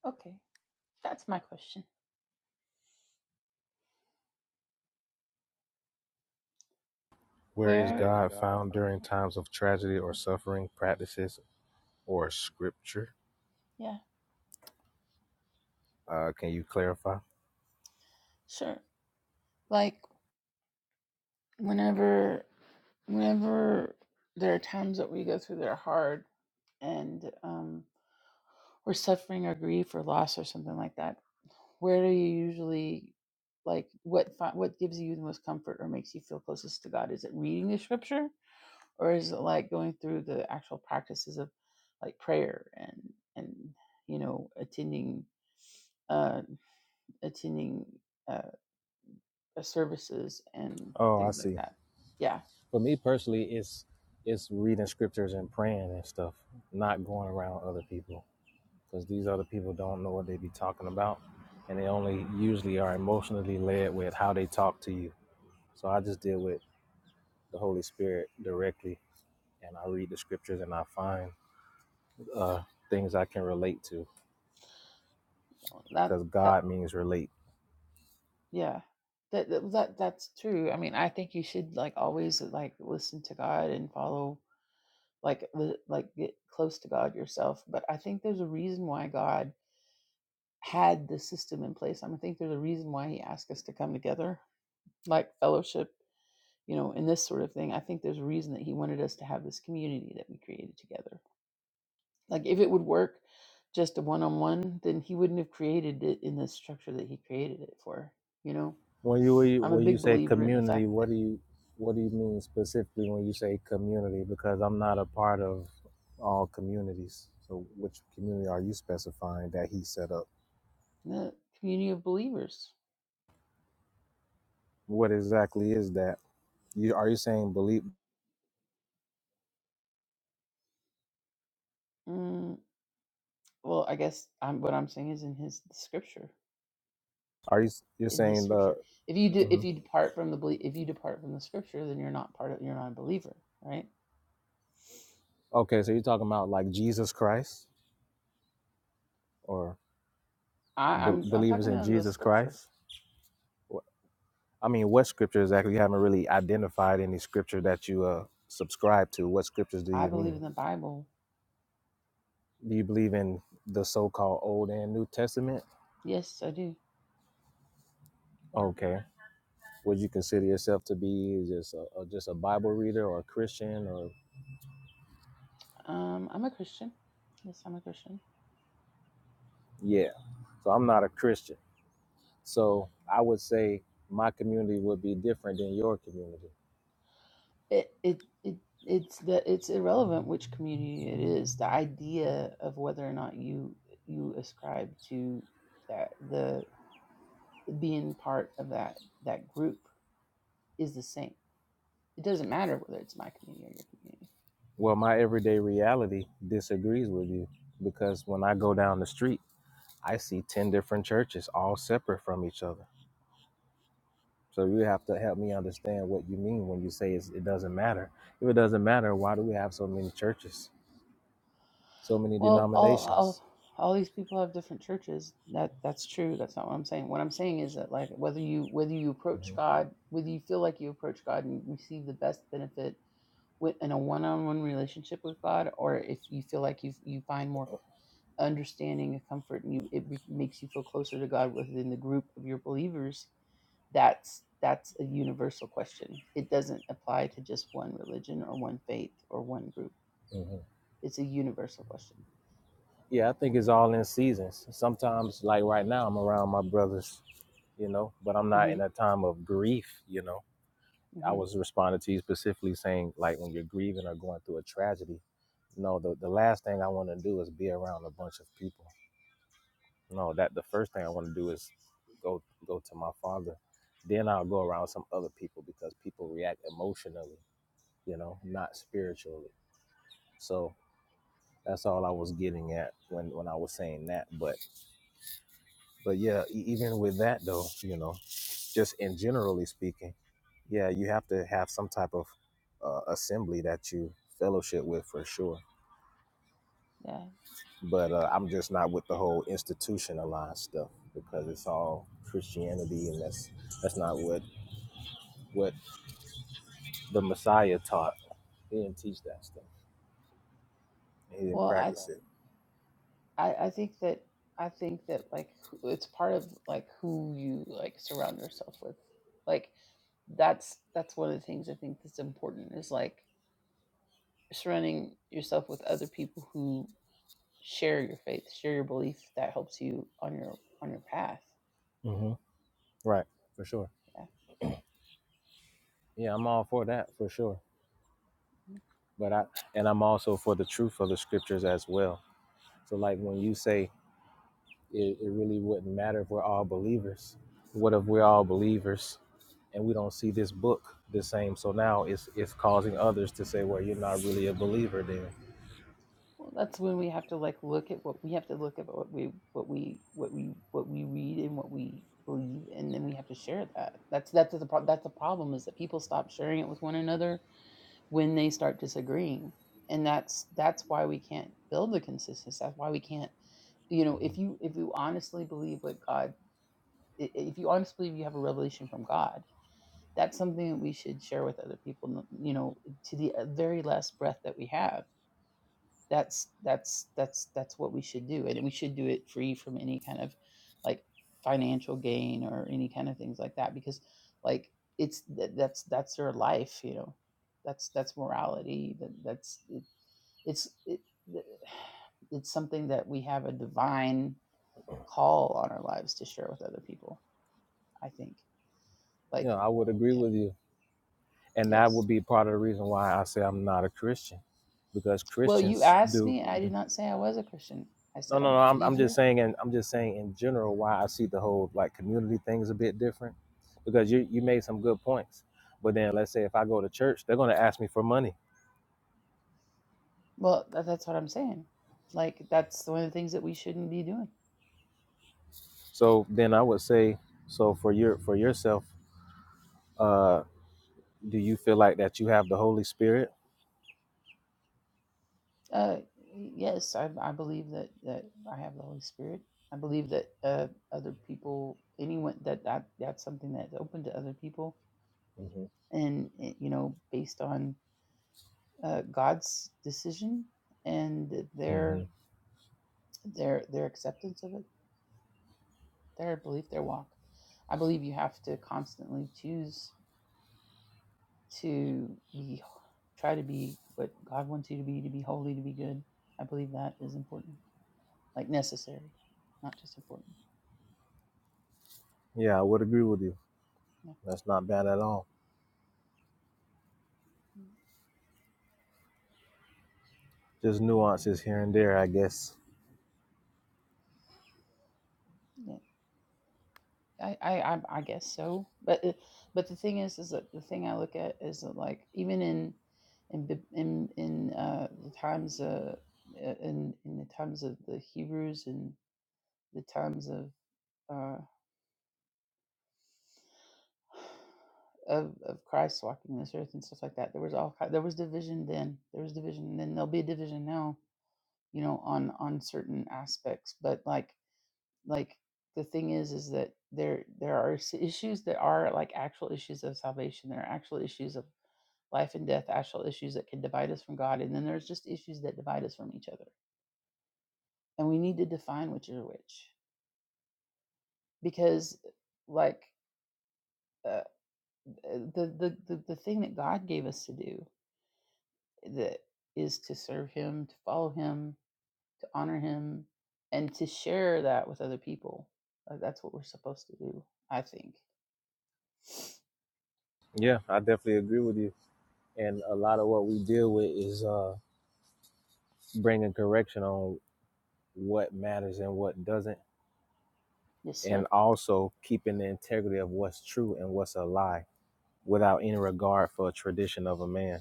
[SPEAKER 5] Okay, that's my question.
[SPEAKER 2] Where is
[SPEAKER 5] Where? Praise
[SPEAKER 2] God
[SPEAKER 5] God,
[SPEAKER 2] found during times of tragedy or suffering, practices or scripture?
[SPEAKER 5] Yeah,
[SPEAKER 2] Uh, can you clarify?
[SPEAKER 5] sure. Like. whenever whenever there are times that we go through that are hard and um, we're suffering or grief or loss or something like that, where do you usually like what fi- what gives you the most comfort or makes you feel closest to God? Is it reading the scripture or is it like going through the actual practices of like prayer and and you know attending uh attending uh services and
[SPEAKER 2] Oh, I
[SPEAKER 5] things like
[SPEAKER 2] see.
[SPEAKER 5] that. Yeah.
[SPEAKER 2] For me personally, it's it's reading scriptures and praying and stuff, not going around other people because these other people don't know what they be talking about, and they only usually are emotionally led with how they talk to you. So I just deal with the Holy Spirit directly and I read the scriptures and I find uh, things I can relate to
[SPEAKER 5] That
[SPEAKER 2] because God means relate.
[SPEAKER 5] Yeah. That, that that that's true. I mean, I think you should like always like listen to God and follow like li- like get close to God yourself. But I think there's a reason why God had the system in place. I, mean, I think there's a reason why He asked us to come together, like fellowship, you know, and this sort of thing. I think there's a reason that He wanted us to have this community that we created together. Like if it would work just a one-on-one, then He wouldn't have created it in the structure that He created it for. You know,
[SPEAKER 2] When you when you
[SPEAKER 5] I'm a
[SPEAKER 2] when you
[SPEAKER 5] big
[SPEAKER 2] say
[SPEAKER 5] believer in the
[SPEAKER 2] community,
[SPEAKER 5] fact that
[SPEAKER 2] what do you what do you mean specifically when you say community? Because I'm not a part of all communities. So which community are you specifying that He set up?
[SPEAKER 5] the community of believers.
[SPEAKER 2] What exactly is that? You are you saying believe?
[SPEAKER 5] Mm, well, I guess I'm, what I'm saying is in his scripture.
[SPEAKER 2] Are you you're
[SPEAKER 5] In his
[SPEAKER 2] saying the?
[SPEAKER 5] scripture, if you do, if
[SPEAKER 2] mhm.
[SPEAKER 5] you depart from the belie- if you depart from the scripture, then you're not part of you're not a believer, right?
[SPEAKER 2] Okay, so you're talking about like Jesus Christ or
[SPEAKER 5] I,
[SPEAKER 2] be-
[SPEAKER 5] I'm I'm
[SPEAKER 2] believers
[SPEAKER 5] talking
[SPEAKER 2] in
[SPEAKER 5] on the
[SPEAKER 2] Jesus
[SPEAKER 5] scripture.
[SPEAKER 2] Christ? I mean, what scripture exactly? You haven't really identified any scripture that you uh, subscribe to. What scriptures do
[SPEAKER 5] I
[SPEAKER 2] you
[SPEAKER 5] believe in
[SPEAKER 2] mean?
[SPEAKER 5] the Bible.
[SPEAKER 2] Do you believe in the so-called Old and New Testament?
[SPEAKER 5] Yes, I do.
[SPEAKER 2] Okay. Would you consider yourself to be just a, a- just a Bible reader or a Christian or
[SPEAKER 5] Um, I'm a Christian. Yes, I'm a Christian.
[SPEAKER 2] yeah? So I'm not a Christian. So I would say my community would be different than your community.
[SPEAKER 5] It it it it's that it's irrelevant which community it is. The idea of whether or not you you ascribe to that the being part of that that group is the same. It doesn't matter whether it's my community or your community.
[SPEAKER 2] Well, my everyday reality disagrees with you because when I go down the street, I see 10 different churches all separate from each other So you have to help me understand what you mean when you say it's, it doesn't matter. If it doesn't matter, why do we have so many churches, so many
[SPEAKER 5] Well, all all
[SPEAKER 2] denominations?
[SPEAKER 5] all these people have different churches. That that's true. That's not what I'm saying. What I'm saying is that like whether you whether you approach
[SPEAKER 2] hmm
[SPEAKER 5] God, whether you feel like you approach God and receive the best benefit with in a one-on-one relationship with God, or if you feel like you you find more understanding and comfort and you it re- makes you feel closer to God within the group of your believers that's that's a universal question it doesn't apply to just one religion or one faith or one group
[SPEAKER 2] hmm
[SPEAKER 5] it's a universal question
[SPEAKER 2] Yeah, I think it's all in seasons. Sometimes, like right now, I'm around my brothers, you know, but I'm not
[SPEAKER 5] hmm
[SPEAKER 2] in a time of grief, you know. I
[SPEAKER 5] hmm
[SPEAKER 2] was responding to you specifically saying, like, when you're grieving or going through a tragedy, no, the, the last thing I want to do is be around a bunch of people No, that the first thing I want to do is go go to my father. Then I'll go around some other people because people react emotionally, you know, not spiritually. So that's all I was getting at when when I was saying that. But but yeah, e- even with that though, you know, just in generally speaking, yeah, you have to have some type of uh, assembly that you fellowship with for sure.
[SPEAKER 5] yeah
[SPEAKER 2] But uh, I'm just not with the whole institutionalized stuff because it's all Christianity, and that's that's not what what the Messiah taught. He didn't teach that stuff. He didn't
[SPEAKER 5] well I,
[SPEAKER 2] practice it.
[SPEAKER 5] I i think that i think that like who- it's part of like who you like surround yourself with like that's that's one of the things i think that's important is like surrounding yourself with other people who share your faith share your belief that helps you on your on your path
[SPEAKER 2] hmm Right, for sure.
[SPEAKER 5] yeah
[SPEAKER 2] Yeah, I'm all for that for sure. But I and I'm also for the truth of the scriptures as well. So like when you say it, it really wouldn't matter if we're all believers. What if we're all believers and we don't see this book the same? So now it's it's causing others to say, well, you're not really a believer then.
[SPEAKER 5] Well, that's when we have to like look at what we have to look at what we what we what we what we read and what we believe, and then we have to share that. That's that's the pro- that's the problem is that people stop sharing it with one another when they start disagreeing, and that's that's why we can't build the consistency. That's why we can't, you know, if you if you honestly believe what God, i- i- if you honestly believe you have a revelation from God, that's something that we should share with other people, you know, to the uh, very last breath that we have that's that's that's that's what we should do and we should do it free from any kind of like financial gain or any kind of things like that because like it's th- that's that's their life you know that's that's morality that that's it, it's it, it's something that we have a divine call on our lives to share with other people i think like
[SPEAKER 2] Yeah, I would agree
[SPEAKER 5] yeah,
[SPEAKER 2] with you. And that
[SPEAKER 5] yes
[SPEAKER 2] would be part of the reason why I say I'm not a Christian, because
[SPEAKER 5] well you
[SPEAKER 2] Christians
[SPEAKER 5] asked
[SPEAKER 2] do,
[SPEAKER 5] me and i
[SPEAKER 2] do.
[SPEAKER 5] did not say i was a christian i
[SPEAKER 2] No,
[SPEAKER 5] said
[SPEAKER 2] no,
[SPEAKER 5] i'm
[SPEAKER 2] no.
[SPEAKER 5] a
[SPEAKER 2] I'm, I'm just
[SPEAKER 5] believer
[SPEAKER 2] saying, and I'm just saying in general why I see the whole like community thing's a bit different, because you you made some good points. But then let's say if I go to church, they're gonna ask me for money.
[SPEAKER 5] Well, that, that's what I'm saying. Like that's one of the things that we shouldn't be doing.
[SPEAKER 2] So then I would say, so for your for yourself, uh, do you feel like that you have the Holy Spirit?
[SPEAKER 5] Uh, yes, I, I believe that that I have the Holy Spirit. I believe that uh, other people, anyone that, that that's something that's open to other people,
[SPEAKER 2] hmm
[SPEAKER 5] and eh, you know, based on uh, God's decision and
[SPEAKER 2] hmm
[SPEAKER 5] their their their acceptance of it, their belief, their walk. I believe you have to constantly choose to be try to be what God wants you to be, to be holy, to be good. I believe that is important, like necessary, not just important.
[SPEAKER 2] Yeah, I would agree with you.
[SPEAKER 5] Yeah,
[SPEAKER 2] That's not bad at all.
[SPEAKER 5] Mm.
[SPEAKER 2] Just nuances here and there, I guess.
[SPEAKER 5] yeah. I, I, I guess so. But uh, but the thing is, is that the thing I look at is that like even in in in in uh, the times uh, uh, in in the times of the Hebrews and the times of uh. of of Christ walking this earth and stuff like that. There was all ki- there was division then. There was division and then. There'll be a division now. You know, on on certain aspects, but like like the thing is, is that there there are s- issues that are like actual issues of salvation. There are actual issues of life and death, actual issues that can divide us from God, and then there's just issues that divide us from each other. And we need to define which are which, because like uh, the, the the the thing that God gave us to do that is to serve him to follow him to honor him and to share that with other people Uh, that's what we're supposed to do i think
[SPEAKER 2] Yeah, I definitely agree with you. And a lot of what we deal with is uh, bringing correction on what matters and what doesn't,
[SPEAKER 5] yes sir
[SPEAKER 2] and also keeping the integrity of what's true and what's a lie without any regard for a tradition of a man.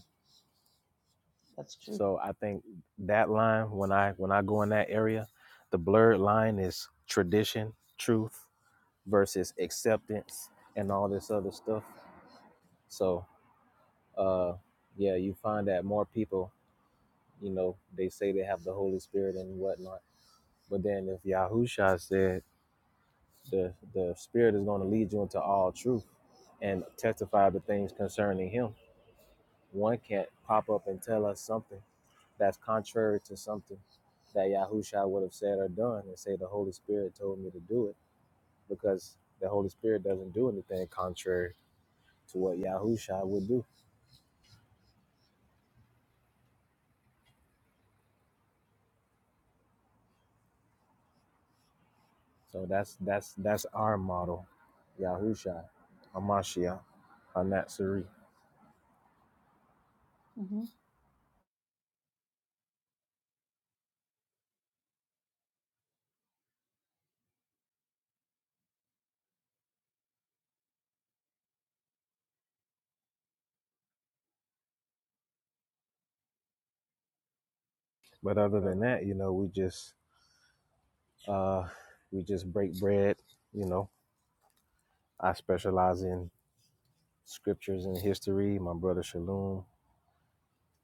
[SPEAKER 5] that's true
[SPEAKER 2] So I think that line when I when I go in that area, the blurred line is tradition, truth versus acceptance and all this other stuff. So uh yeah, you find that more people, you know, they say they have the Holy Spirit and whatnot. But then if Yahusha said The the Spirit is going to lead you into all truth and testify the things concerning Him. One can't pop up and tell us something that's contrary to something that Yahusha would have said or done and say the Holy Spirit told me to do it because the Holy Spirit doesn't do anything contrary to what Yahusha would do. So that's that's that's our model, Yahusha, Hamashiach, Hanatsuri.
[SPEAKER 5] hmm
[SPEAKER 2] But other than that, you know, we just uh we just break bread, you know. I specialize in scriptures and history. My brother Shalom,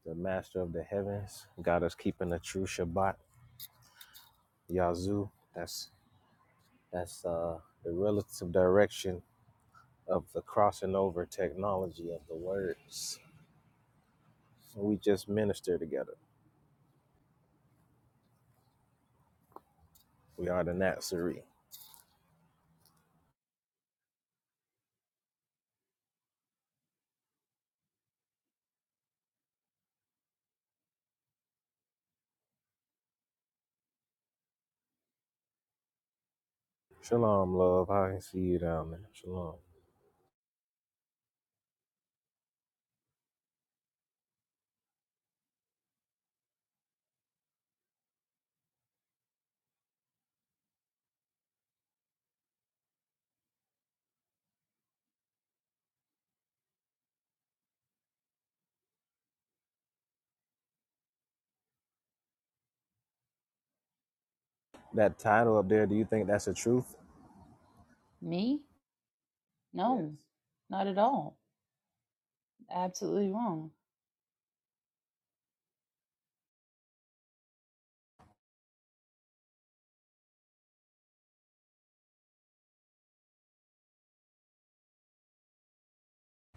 [SPEAKER 2] the master of the heavens, got us keeping the true Shabbat, Yazoo. That's that's uh, the relative direction of the crossing over technology of the words. We just minister together. We are the Nazarene. Shalom, love. I can see you down there. Shalom. That title up there. Do you think that's the truth?
[SPEAKER 5] me no not at all absolutely wrong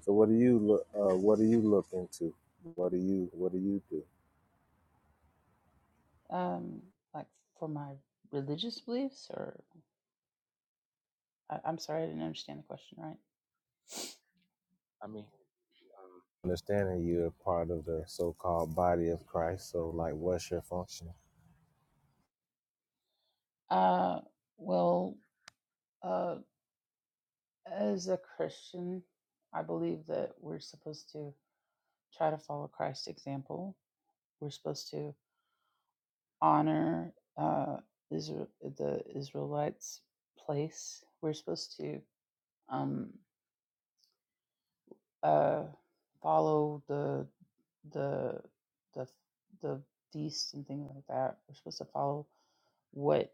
[SPEAKER 2] So what do you look? Uh, what do you look into? What do you? What do you do?
[SPEAKER 5] um like for my religious beliefs or I, i'm sorry i didn't understand the question right
[SPEAKER 2] understanding you're a part of the so-called body of Christ. So, like, what's your function?
[SPEAKER 5] uh well uh as a christian i believe that we're supposed to try to follow christ's example We're supposed to honor uh, Israel, the Israelites' place. We're supposed to um, uh, follow the the the the feast and things like that. We're supposed to follow what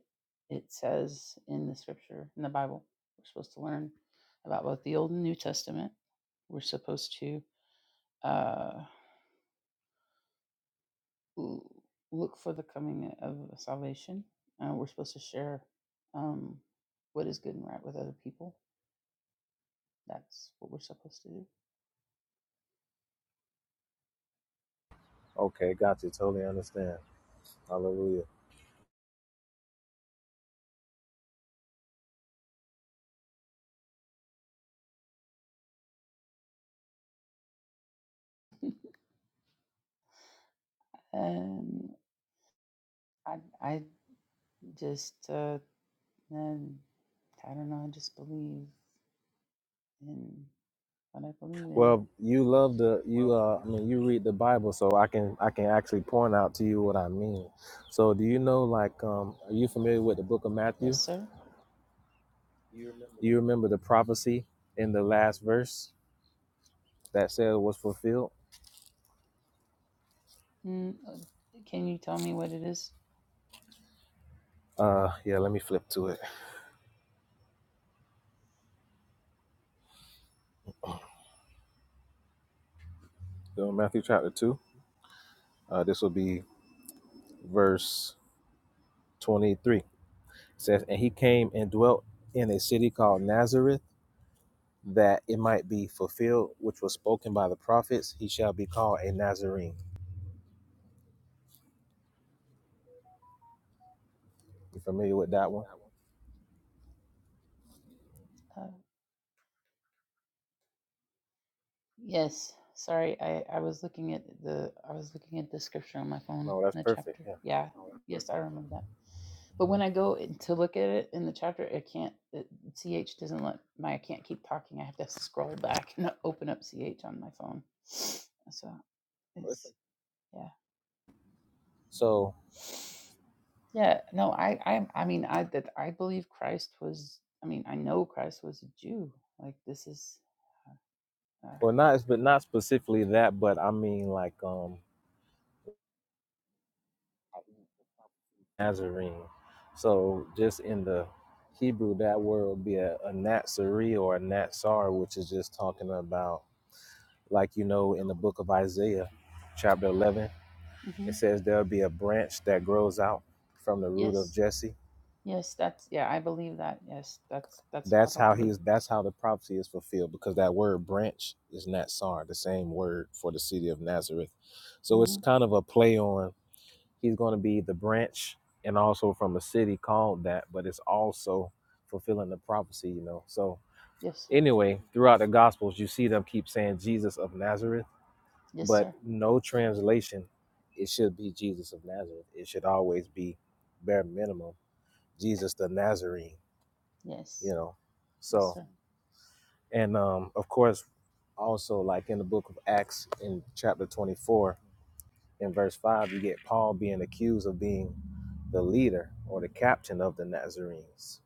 [SPEAKER 5] it says in the scripture in the Bible. We're supposed to learn about both the Old and New Testament. We're supposed to uh. l- look for the coming of salvation. Uh, we're supposed to share um, what is good and right with other people. That's what we're supposed to do.
[SPEAKER 2] Okay, got you. Totally understand. Hallelujah.
[SPEAKER 5] Um, I, I just, uh, um, I don't know. I just believe in what I believe in.
[SPEAKER 2] Well, you love the you. Uh, I mean, you read the Bible, so I can I can actually point out to you what I mean. So, do you know like um, are you familiar with the Book of Matthew?
[SPEAKER 5] Yes, sir.
[SPEAKER 2] Do you remember the prophecy in the last verse that said was fulfilled?
[SPEAKER 5] Mm, uh, can you tell me what it is?
[SPEAKER 2] Uh, yeah. Let me flip to it. So, Matthew chapter two. Uh, this will be verse twenty-three. says, and he came and dwelt in a city called Nazareth, that it might be fulfilled, which was spoken by the prophets. He shall be called a Nazarene. You familiar with that one?
[SPEAKER 5] Uh, Yes. Sorry, I, I was looking at the I was looking at the scripture on my phone in
[SPEAKER 2] No, that's
[SPEAKER 5] the
[SPEAKER 2] perfect.
[SPEAKER 5] chapter.
[SPEAKER 2] Yeah.
[SPEAKER 5] Yeah. Yes, I remember that. But when
[SPEAKER 2] Mhm.
[SPEAKER 5] I go in to look at it in the chapter, I can't. It, Ch doesn't let my. I can't keep talking. I have to scroll back and open up Ch on my phone. So it's yeah,
[SPEAKER 2] So,
[SPEAKER 5] yeah. No, I, I, I mean, I that I believe Christ was. I mean, I know Christ was a Jew. Like this is. uh
[SPEAKER 2] well, not but not specifically that, but I mean like um Nazarene. So, just in the Hebrew, that word would be a, a Nazarene or a Natsar, which is just talking about, like you know, in the book of Isaiah, chapter eleven It
[SPEAKER 5] mhm.
[SPEAKER 2] says there'll be a branch that grows out from the root of
[SPEAKER 5] Yes.
[SPEAKER 2] Jesse.
[SPEAKER 5] Yes, that's yeah, I believe that. Yes, that's that's what
[SPEAKER 2] That's
[SPEAKER 5] I want
[SPEAKER 2] how
[SPEAKER 5] to
[SPEAKER 2] he
[SPEAKER 5] believe.
[SPEAKER 2] is. That's how the prophecy is fulfilled because that word branch is Natsar, the same word for the city of Nazareth. So
[SPEAKER 5] hmm
[SPEAKER 2] it's kind of a play on he's going to be the branch and also from a city called that, but it's also fulfilling the prophecy, you know. So
[SPEAKER 5] Yes, sir.
[SPEAKER 2] anyway, throughout the Gospels, you see them keep saying Jesus of Nazareth,
[SPEAKER 5] Yes,
[SPEAKER 2] but
[SPEAKER 5] sir.
[SPEAKER 2] no translation. It should be Jesus of Nazareth. It should always be bare minimum Jesus the Nazarene, you
[SPEAKER 5] Yes.
[SPEAKER 2] know.
[SPEAKER 5] Yes,
[SPEAKER 2] So,
[SPEAKER 5] sir.
[SPEAKER 2] and um, of course, also like in the book of Acts in chapter 24, in verse 5, you get Paul being accused of being the leader or the captain of the Nazarenes,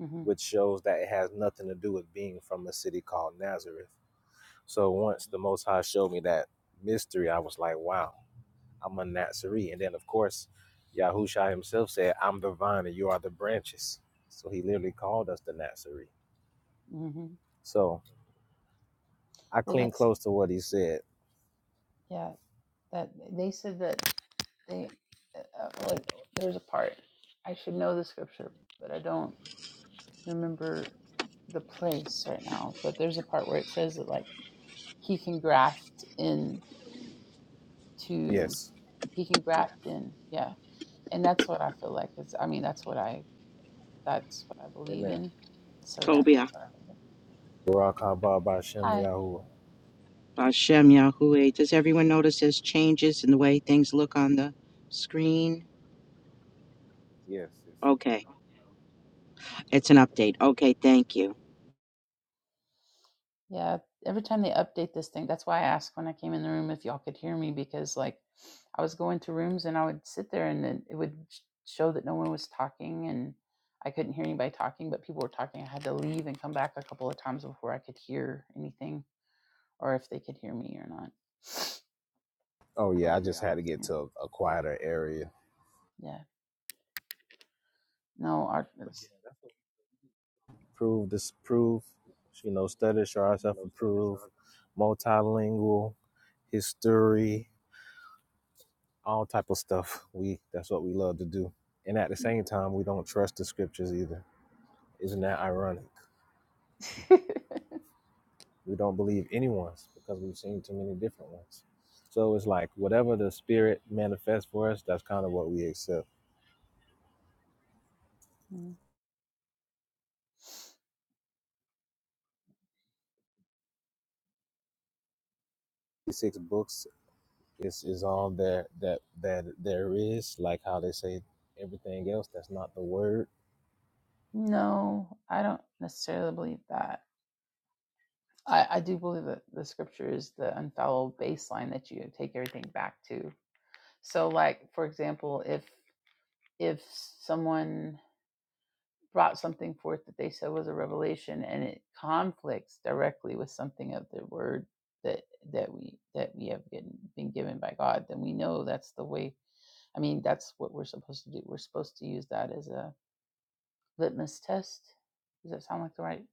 [SPEAKER 5] Mm-hmm.
[SPEAKER 2] which shows that it has nothing to do with being from a city called Nazareth. So, once the Most High showed me that mystery, I was like, wow, I'm a Nazarene. And then, of course, Yahushua himself said, I'm the vine and you are the branches. So, he literally called us the Nazarene.
[SPEAKER 5] Mm-hmm.
[SPEAKER 2] So, I
[SPEAKER 5] Well,
[SPEAKER 2] cling
[SPEAKER 5] that's
[SPEAKER 2] close to what he said.
[SPEAKER 5] yeah. That they said that they uh, uh, like there's a part I should know the scripture, but I don't remember the place right now. But there's a part where it says that like he can graft in to
[SPEAKER 2] Yes.
[SPEAKER 5] he can graft in yeah, and that's what I feel like. It's I mean that's what I That's what I believe in. So yeah,
[SPEAKER 6] Tobiah,
[SPEAKER 5] that's what I believe in.
[SPEAKER 2] Barak Haba by Shem
[SPEAKER 5] Hi.
[SPEAKER 2] Yahuwah.
[SPEAKER 6] Hashem Yahuwah. Does everyone notice there's changes in the way things look on the screen? Okay, it's an update. Okay, thank you.
[SPEAKER 5] Yeah. Every time they update this thing, that's why I asked when I came in the room if y'all could hear me because like I was going to rooms and I would sit there and then it would sh- show that no one was talking and I couldn't hear anybody talking, but people were talking. I had to leave and come back a couple of times before I could hear anything or if they could hear me or not.
[SPEAKER 2] Oh yeah, I just had to get
[SPEAKER 5] Yeah.
[SPEAKER 2] to a, a quieter area.
[SPEAKER 5] some. Yeah. No, our But it's-
[SPEAKER 2] Prove disprove. You know, study, show ourselves approved, multilingual, history, all type of stuff. We that's what we love to do. And at the same time, we don't trust the scriptures either. Isn't that ironic? We don't believe anyone's because we've seen too many different ones. So it's like whatever the spirit manifests for us, that's kind of what we accept.
[SPEAKER 5] Mm.
[SPEAKER 2] Six books is is all that that that there is like how they say everything else that's not the word
[SPEAKER 5] no, I don't necessarily believe that. I, I do believe that the scripture is the unfallible baseline that you take everything back to. So, like for example, if if someone brought something forth that they said was a revelation and it conflicts directly with something of the word that that we that we have been, been given by God, then we know that's the way. I mean, that's what we're supposed to do. We're supposed to use that as a litmus test. Does that sound like the right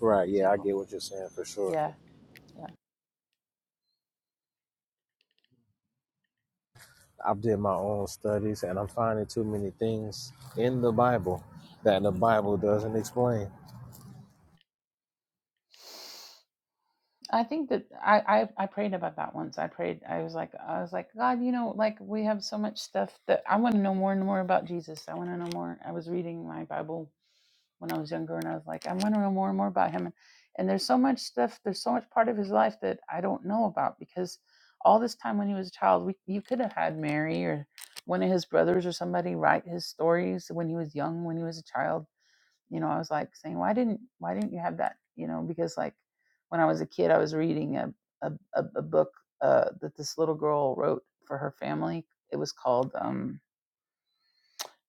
[SPEAKER 2] right yeah i
[SPEAKER 5] example?
[SPEAKER 2] get what you're saying for sure
[SPEAKER 5] Yeah, yeah.
[SPEAKER 2] i've did my own studies and i'm finding too many things in the bible that the bible doesn't explain
[SPEAKER 5] I think that I, I I prayed about that once. I prayed. I was like I was like God, you know, like we have so much stuff that I want to know more and more about Jesus. I want to know more. I was reading my Bible when I was younger, and I was like, I want to know more and more about Him. And, and there's so much stuff. There's so much part of His life that I don't know about because all this time when He was a child, we, you could have had Mary or one of His brothers or somebody write His stories when He was young, when He was a child you know i was like saying why didn't why didn't you have that you know because like when i was a kid i was reading a a, a, book uh, that this little girl wrote for her family it was called um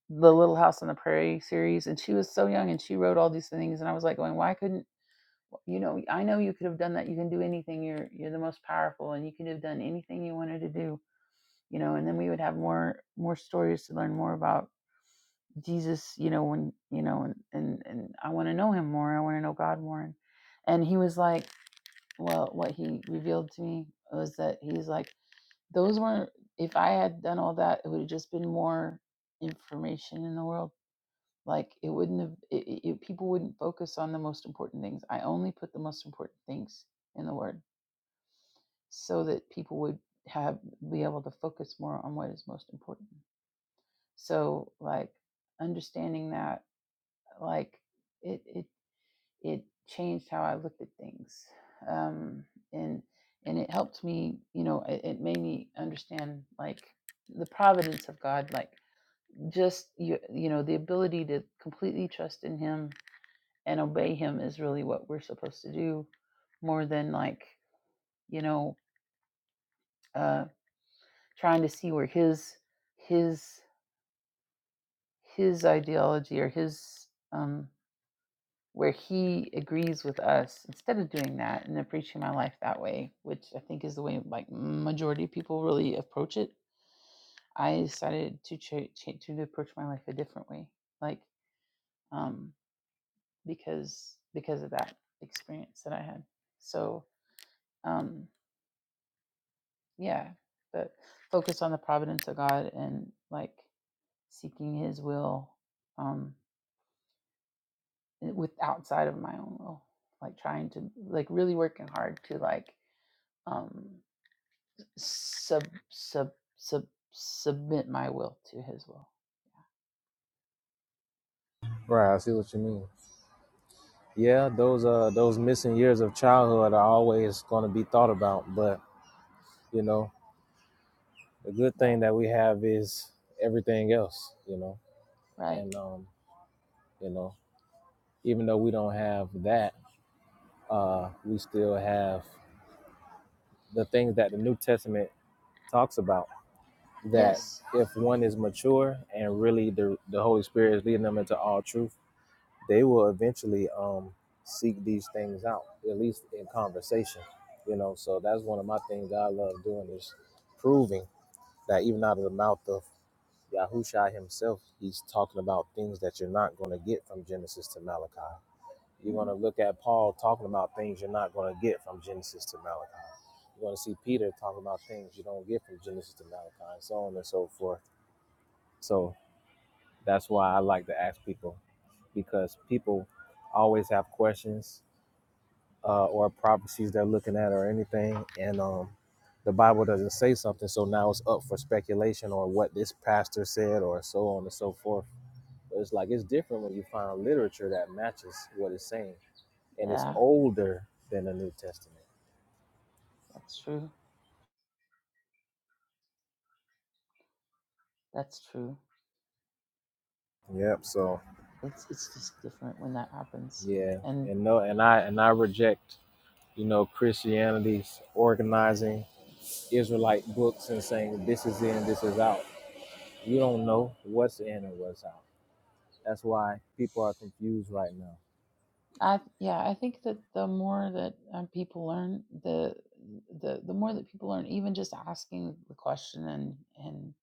[SPEAKER 5] the little house on the prairie series and she was so young and she wrote all these things and i was like going why couldn't you know i know you could have done that you can do anything you're you're the most powerful and you could have done anything you wanted to do you know and then we would have more more stories to learn more about Jesus, you know, when you know, and and, and I want to know him more. I want to know God more. And, and he was like, well, what he revealed to me was that he's like, those weren't. If I had done all that, it would have just been more information in the world. Like it wouldn't have. It, it, it- people wouldn't focus on the most important things. I only put the most important things in the Word, so that people would have be able to focus more on what is most important. So like understanding that, like it it it changed how I looked at things, um, and and it helped me. You know, it, it made me understand like the providence of God, like just you you know the ability to completely trust in Him and obey Him is really what we're supposed to do, more than like you know uh, trying to see where His His His ideology or His um, where he agrees with us instead of doing that and approaching my life that way, which I think is the way like majority of people really approach it. I decided to cha- cha- to approach my life a different way, like um, because because of that experience that I had. So um, yeah, but focus on the providence of God and like seeking His will um, with outside of my own will, like trying to like really working hard to like um sub sub sub submit my will to his will.
[SPEAKER 2] right i see what you mean yeah those uh those missing years of childhood are always going to be thought about but you know the good
[SPEAKER 5] Yeah,
[SPEAKER 2] thing that we have is everything else you know
[SPEAKER 5] right.
[SPEAKER 2] and um you know even though we don't have that uh, we still have the things that the New Testament talks about. That
[SPEAKER 5] Yes.
[SPEAKER 2] if one is mature and really the, the Holy Spirit is leading them into all truth, they will eventually um, seek these things out, at least in conversation. You know, so that's one of my things I love doing is proving that even out of the mouth of Yahushua himself, he's talking about things that you're not going to get from Genesis to Malachi. You're going
[SPEAKER 5] Mm,
[SPEAKER 2] to look at Paul talking about things you're not going to get from Genesis to Malachi. You're going to see Peter talking about things you don't get from Genesis to Malachi, and so on and so forth. So that's why I like to ask people because people always have questions uh, or prophecies they're looking at or anything, and um, the Bible doesn't say something, so now it's up for speculation or what this pastor said or so on and so forth. But it's like it's different when you find literature that matches what it's saying and it's
[SPEAKER 5] Yeah,
[SPEAKER 2] older than the New Testament.
[SPEAKER 5] that's true. That's true.
[SPEAKER 2] Yep. So
[SPEAKER 5] It's it's just different when that happens.
[SPEAKER 2] Yeah,
[SPEAKER 5] And
[SPEAKER 2] and no, and I and I reject, you know, Christianity's organizing Israelite books and saying this is in, this is out. You don't know what's in and what's out. That's why people are confused right now.
[SPEAKER 5] I yeah, I think that the more that um, people learn, the the the more that people learn, even just asking the question and and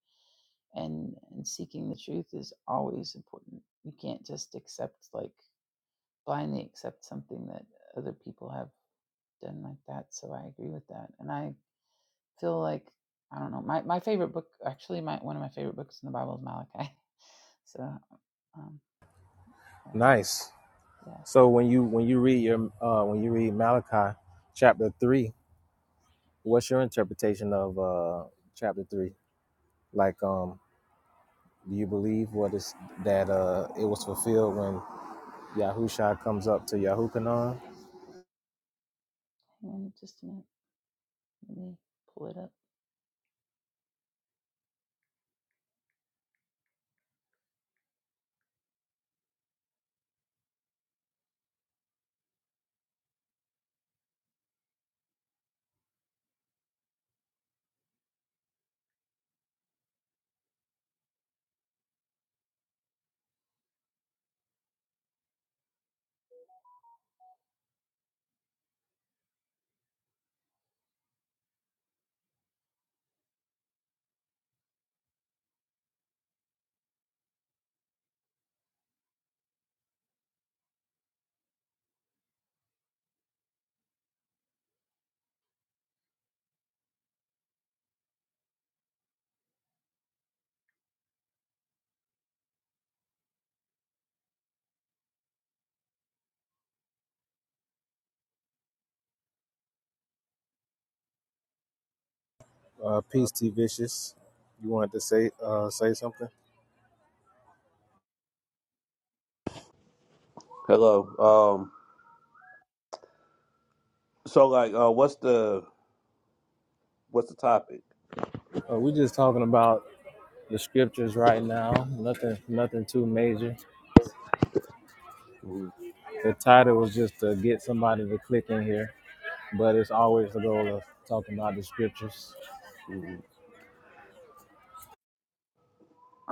[SPEAKER 5] and and seeking the truth is always important. You can't just accept like blindly accept something that other people have done like that. So I agree with that. And I feel like I don't know. My my favorite book actually my one of my favorite books in the Bible is Malachi. So um uh,
[SPEAKER 2] nice.
[SPEAKER 5] yeah.
[SPEAKER 2] So when you when you read your uh, when you read Malachi chapter three, what's your interpretation of uh, chapter three? Like, um, do you believe what is that uh, it was fulfilled when Yahusha comes up to Yahukanon.
[SPEAKER 5] Hang on just a minute. Let me pull it up.
[SPEAKER 2] Uh, peace, to Vicious. You wanted to say uh, say something?
[SPEAKER 7] Hello. Um. So, like, uh, what's the what's the topic?
[SPEAKER 2] Uh, we're just talking about the scriptures right now. Nothing, nothing too major.
[SPEAKER 7] Mm,
[SPEAKER 2] The title was just to get somebody to click in here, but it's always the goal of talking about the scriptures.
[SPEAKER 7] mm.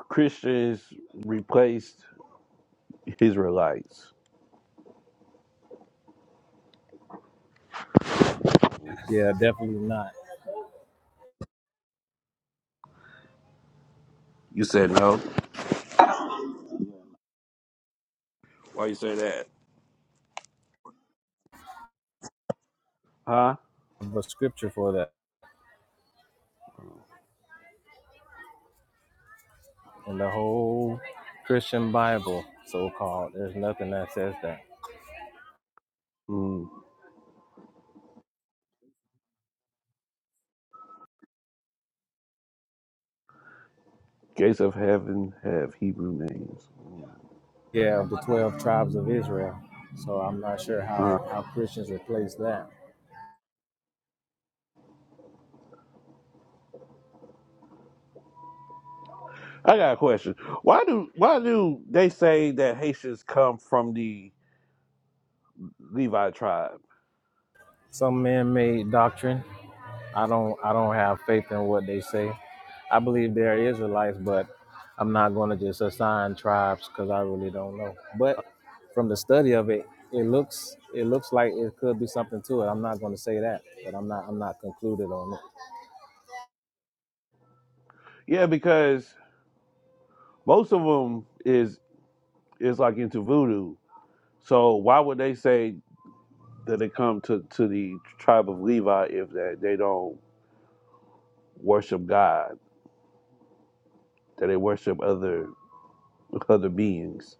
[SPEAKER 7] Christians replaced Israelites.
[SPEAKER 2] Yeah, definitely not.
[SPEAKER 7] You said no. Why you say that? Huh?
[SPEAKER 2] But scripture for that in the whole Christian Bible, so called. There's nothing that says that.
[SPEAKER 7] Mm. Gates of heaven have Hebrew names. Mm-hmm.
[SPEAKER 2] Yeah, of the twelve tribes of Israel. So I'm not sure how the,
[SPEAKER 7] Uh,
[SPEAKER 2] how Christians replace that.
[SPEAKER 7] I got a question. Why do why do they say that Haitians come from the Levi tribe?
[SPEAKER 2] some man-made doctrine. I don't I don't have faith in what they say. I believe there is Israelites, but I'm not going to just assign tribes because I really don't know. But from the study of it, it looks it looks like it could be something to it. I'm not going to say that, but I'm not I'm not concluded on it.
[SPEAKER 7] Yeah, because most of them is is like into voodoo. So why would they say that it come to, to the tribe of Levi if that they don't worship God, that they worship other other beings.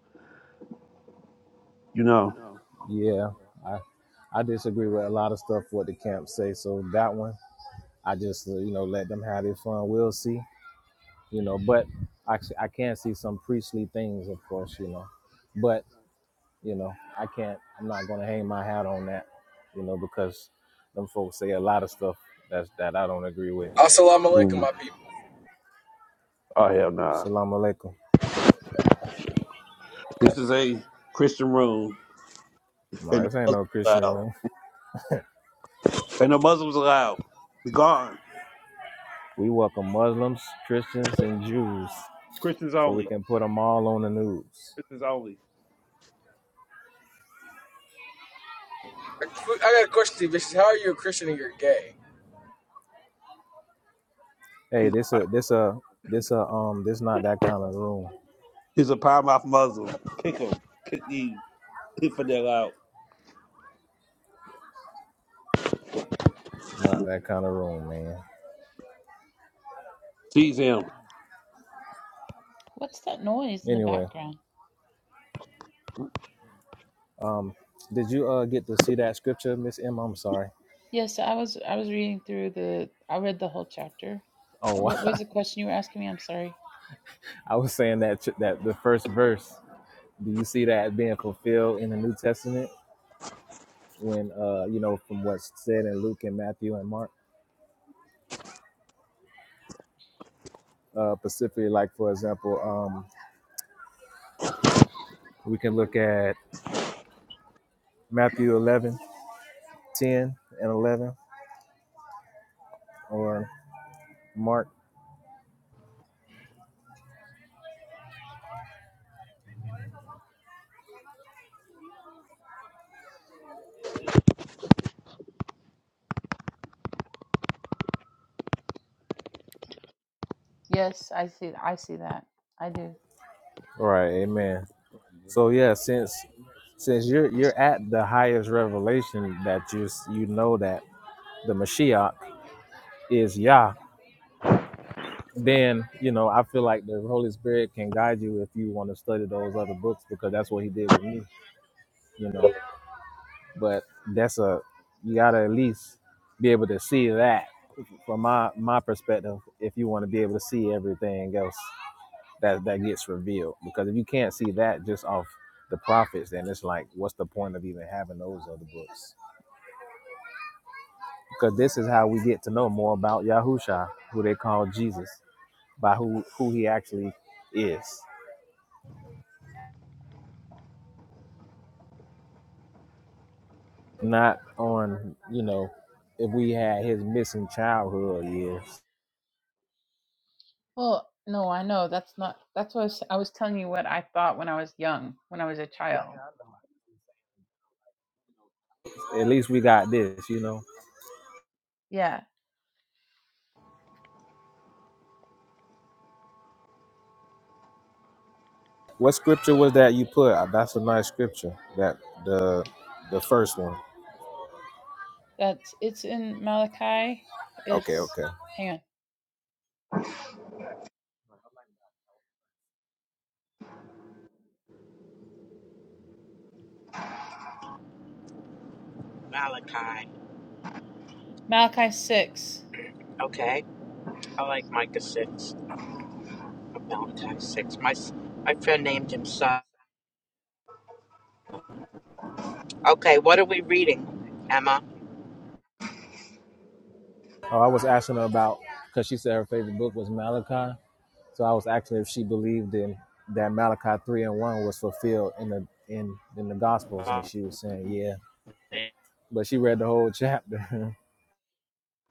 [SPEAKER 7] You know?
[SPEAKER 2] Yeah, I I disagree with a lot of stuff what the camp say. So that one, I just uh, you know let them have their fun. We'll see, you know. But actually, I can see some priestly things, of course, you know. but. You know, I can't. I'm not gonna hang my hat on that. You know, because them folks say a lot of stuff that's that I don't agree with.
[SPEAKER 8] Assalamu alaikum,
[SPEAKER 7] Mm.
[SPEAKER 8] my people.
[SPEAKER 7] Oh hell nah.
[SPEAKER 2] Salam alaikum.
[SPEAKER 7] This is a Christian room
[SPEAKER 2] No,
[SPEAKER 7] and the
[SPEAKER 2] this ain't no
[SPEAKER 7] Muslims
[SPEAKER 2] Christian
[SPEAKER 7] allowed.
[SPEAKER 2] room.
[SPEAKER 7] And the Muslims allowed. Be gone.
[SPEAKER 2] We welcome Muslims, Christians, and Jews,
[SPEAKER 7] Christians
[SPEAKER 2] so we
[SPEAKER 7] only.
[SPEAKER 2] can put them all on the news.
[SPEAKER 7] Christians only.
[SPEAKER 8] I got a question to you, Vicious. How are you a Christian and you're gay?
[SPEAKER 2] Hey,
[SPEAKER 7] He's
[SPEAKER 2] this a this a this a um this not that kind of room.
[SPEAKER 7] he's a power mouth Muslim. Kick him. Kick the infidel out.
[SPEAKER 2] Not that kind of room, man.
[SPEAKER 7] Seize him.
[SPEAKER 5] What's that noise in the
[SPEAKER 2] Anyway,
[SPEAKER 5] background?
[SPEAKER 2] um, did you uh get to see that scripture, Miss Emma? I'm sorry.
[SPEAKER 5] Yes, yeah, so I was I was reading through the I read the whole chapter. Uh,
[SPEAKER 2] Oh,
[SPEAKER 5] What was the question you were asking me? I'm sorry.
[SPEAKER 2] I was saying that that the first verse. Do you see that being fulfilled in the New Testament when, uh, you know, from what's said in Luke and Matthew and Mark? Uh, specifically, like, for example, um, we can look at Matthew 11 10 and 11 or Mark.
[SPEAKER 5] Yes, I see I see that. I do.
[SPEAKER 2] All right. Amen. So, yeah, since since you're you're at the highest revelation that you s- you know that the Mashiach is Yah, then you know I feel like the Holy Spirit can guide you if you want to study those other books because that's what He did with me. You know. but that's a you gotta at least be able to see that from my my perspective if you want to be able to see everything else that that gets revealed because if you can't see that just off the prophets then it's like what's the point of even having those other books because
[SPEAKER 5] Mhm.
[SPEAKER 2] this is how we get to know more about Yahusha who they call Jesus by who who he actually is not on you know if we had his missing childhood years
[SPEAKER 5] Well, no, I know that's not. That's what I was, I was telling you. What I thought when I was young, when I was a Yeah, child.
[SPEAKER 2] at least we got this you know
[SPEAKER 5] Yeah,
[SPEAKER 2] What scripture was that you put? Uh, That's a nice scripture. That the the first one.
[SPEAKER 5] that's it's in Malachi.
[SPEAKER 2] Okay,
[SPEAKER 5] It's
[SPEAKER 2] okay.
[SPEAKER 5] hang on,
[SPEAKER 6] Malachi.
[SPEAKER 5] Malachi six.
[SPEAKER 6] Okay, I like Micah 6, Malachi 6. My, my friend named him son. Okay, what are we reading, Emma?
[SPEAKER 2] Oh, I was asking her about because she said her favorite book was Malachi. So I was asking if she believed in that Malachi three and one was fulfilled in the in in the Gospels,
[SPEAKER 6] Oh,
[SPEAKER 2] and she was saying yeah. But she read the whole chapter. I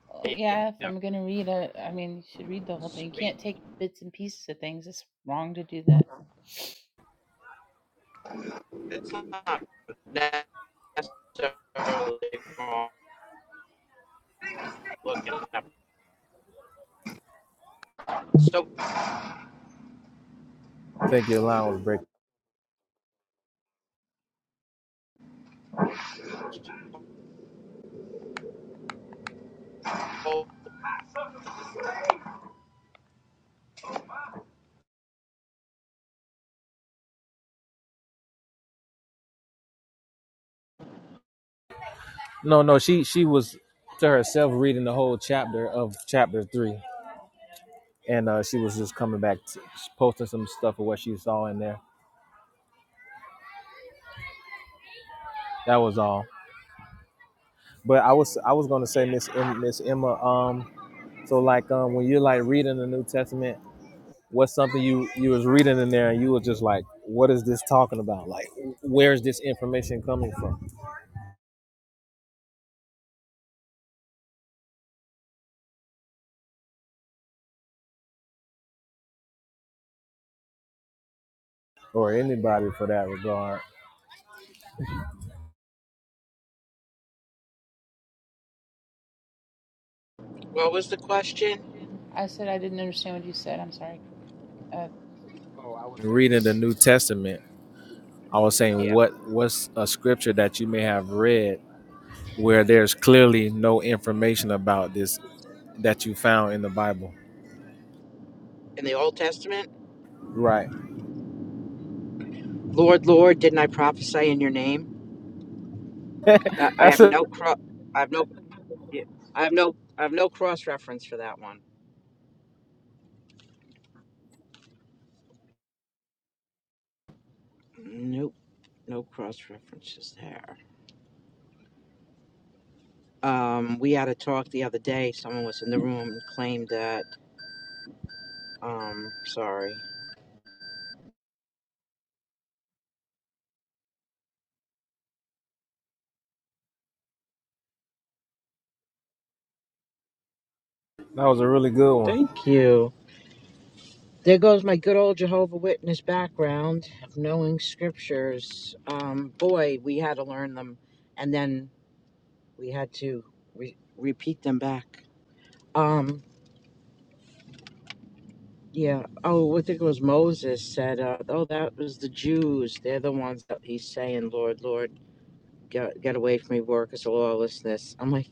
[SPEAKER 5] Well, yeah, if I'm gonna read it, I mean, you should read the whole thing. You can't take bits and pieces of things. It's wrong to do that.
[SPEAKER 6] It's not necessarily wrong looking it up. So,
[SPEAKER 2] think your line was breaking.
[SPEAKER 6] oh,
[SPEAKER 2] No, no, she she was to herself reading the whole chapter of chapter three, and uh, she was just coming back, to, posting some stuff of what she saw in there. That was all. But I was I was gonna say
[SPEAKER 6] yeah.
[SPEAKER 2] Miss Em- Miss Emma. Um, so like um, when you're like reading the New Testament, what's something you you was reading in there and you were just like, what is this talking about? Like, where's this information coming from? Or anybody for that regard.
[SPEAKER 6] What was the question?
[SPEAKER 5] I said I didn't understand what you said. I'm sorry. Uh,
[SPEAKER 2] Reading the New Testament, I was saying
[SPEAKER 6] Yeah.
[SPEAKER 2] what what's a scripture that you may have read where there's clearly no information about this that you found in the Bible.
[SPEAKER 6] In the Old Testament?
[SPEAKER 2] Right.
[SPEAKER 6] Lord, Lord, didn't I prophesy in your name? I, I
[SPEAKER 2] That's
[SPEAKER 6] have
[SPEAKER 2] a
[SPEAKER 6] no cro- I have no I have no I have no cross reference for that one. Nope, no cross references there. Um, we had a talk the other day. Someone was in the room and claimed that. Um, sorry.
[SPEAKER 2] that was a really good one.
[SPEAKER 6] Thank you. There goes my good old Jehovah Witness background of knowing scriptures. Um, boy, we had to learn them, and then we had to re- repeat them back. Um, Yeah. Oh, I think it was Moses said, uh, "Oh, that was the Jews. They're the ones that he's saying, Lord, Lord, get, get away from me, workers of lawlessness." I'm like,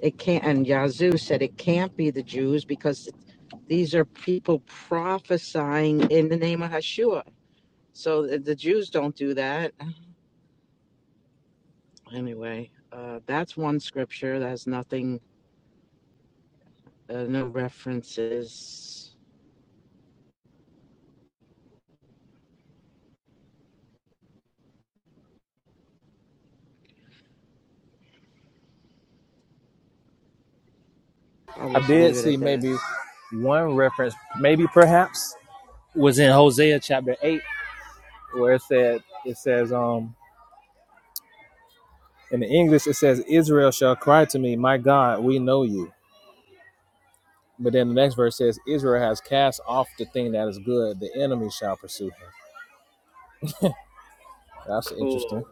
[SPEAKER 6] it can't. And Yazoo said it can't be the Jews because these are people prophesying in the name of Hashua. So the, the Jews don't do that. Anyway, uh, that's one scripture. That's nothing, uh, no references. I'll
[SPEAKER 2] I
[SPEAKER 6] just
[SPEAKER 2] did
[SPEAKER 6] leave it
[SPEAKER 2] see
[SPEAKER 6] at that.
[SPEAKER 2] maybe one reference, maybe perhaps, was in Hosea chapter eight, where it said it says um in the English it says Israel shall cry to me, my God, we know you. But then the next verse says Israel has cast off the thing that is good, the enemy shall pursue him. That's
[SPEAKER 6] Cool.
[SPEAKER 2] interesting.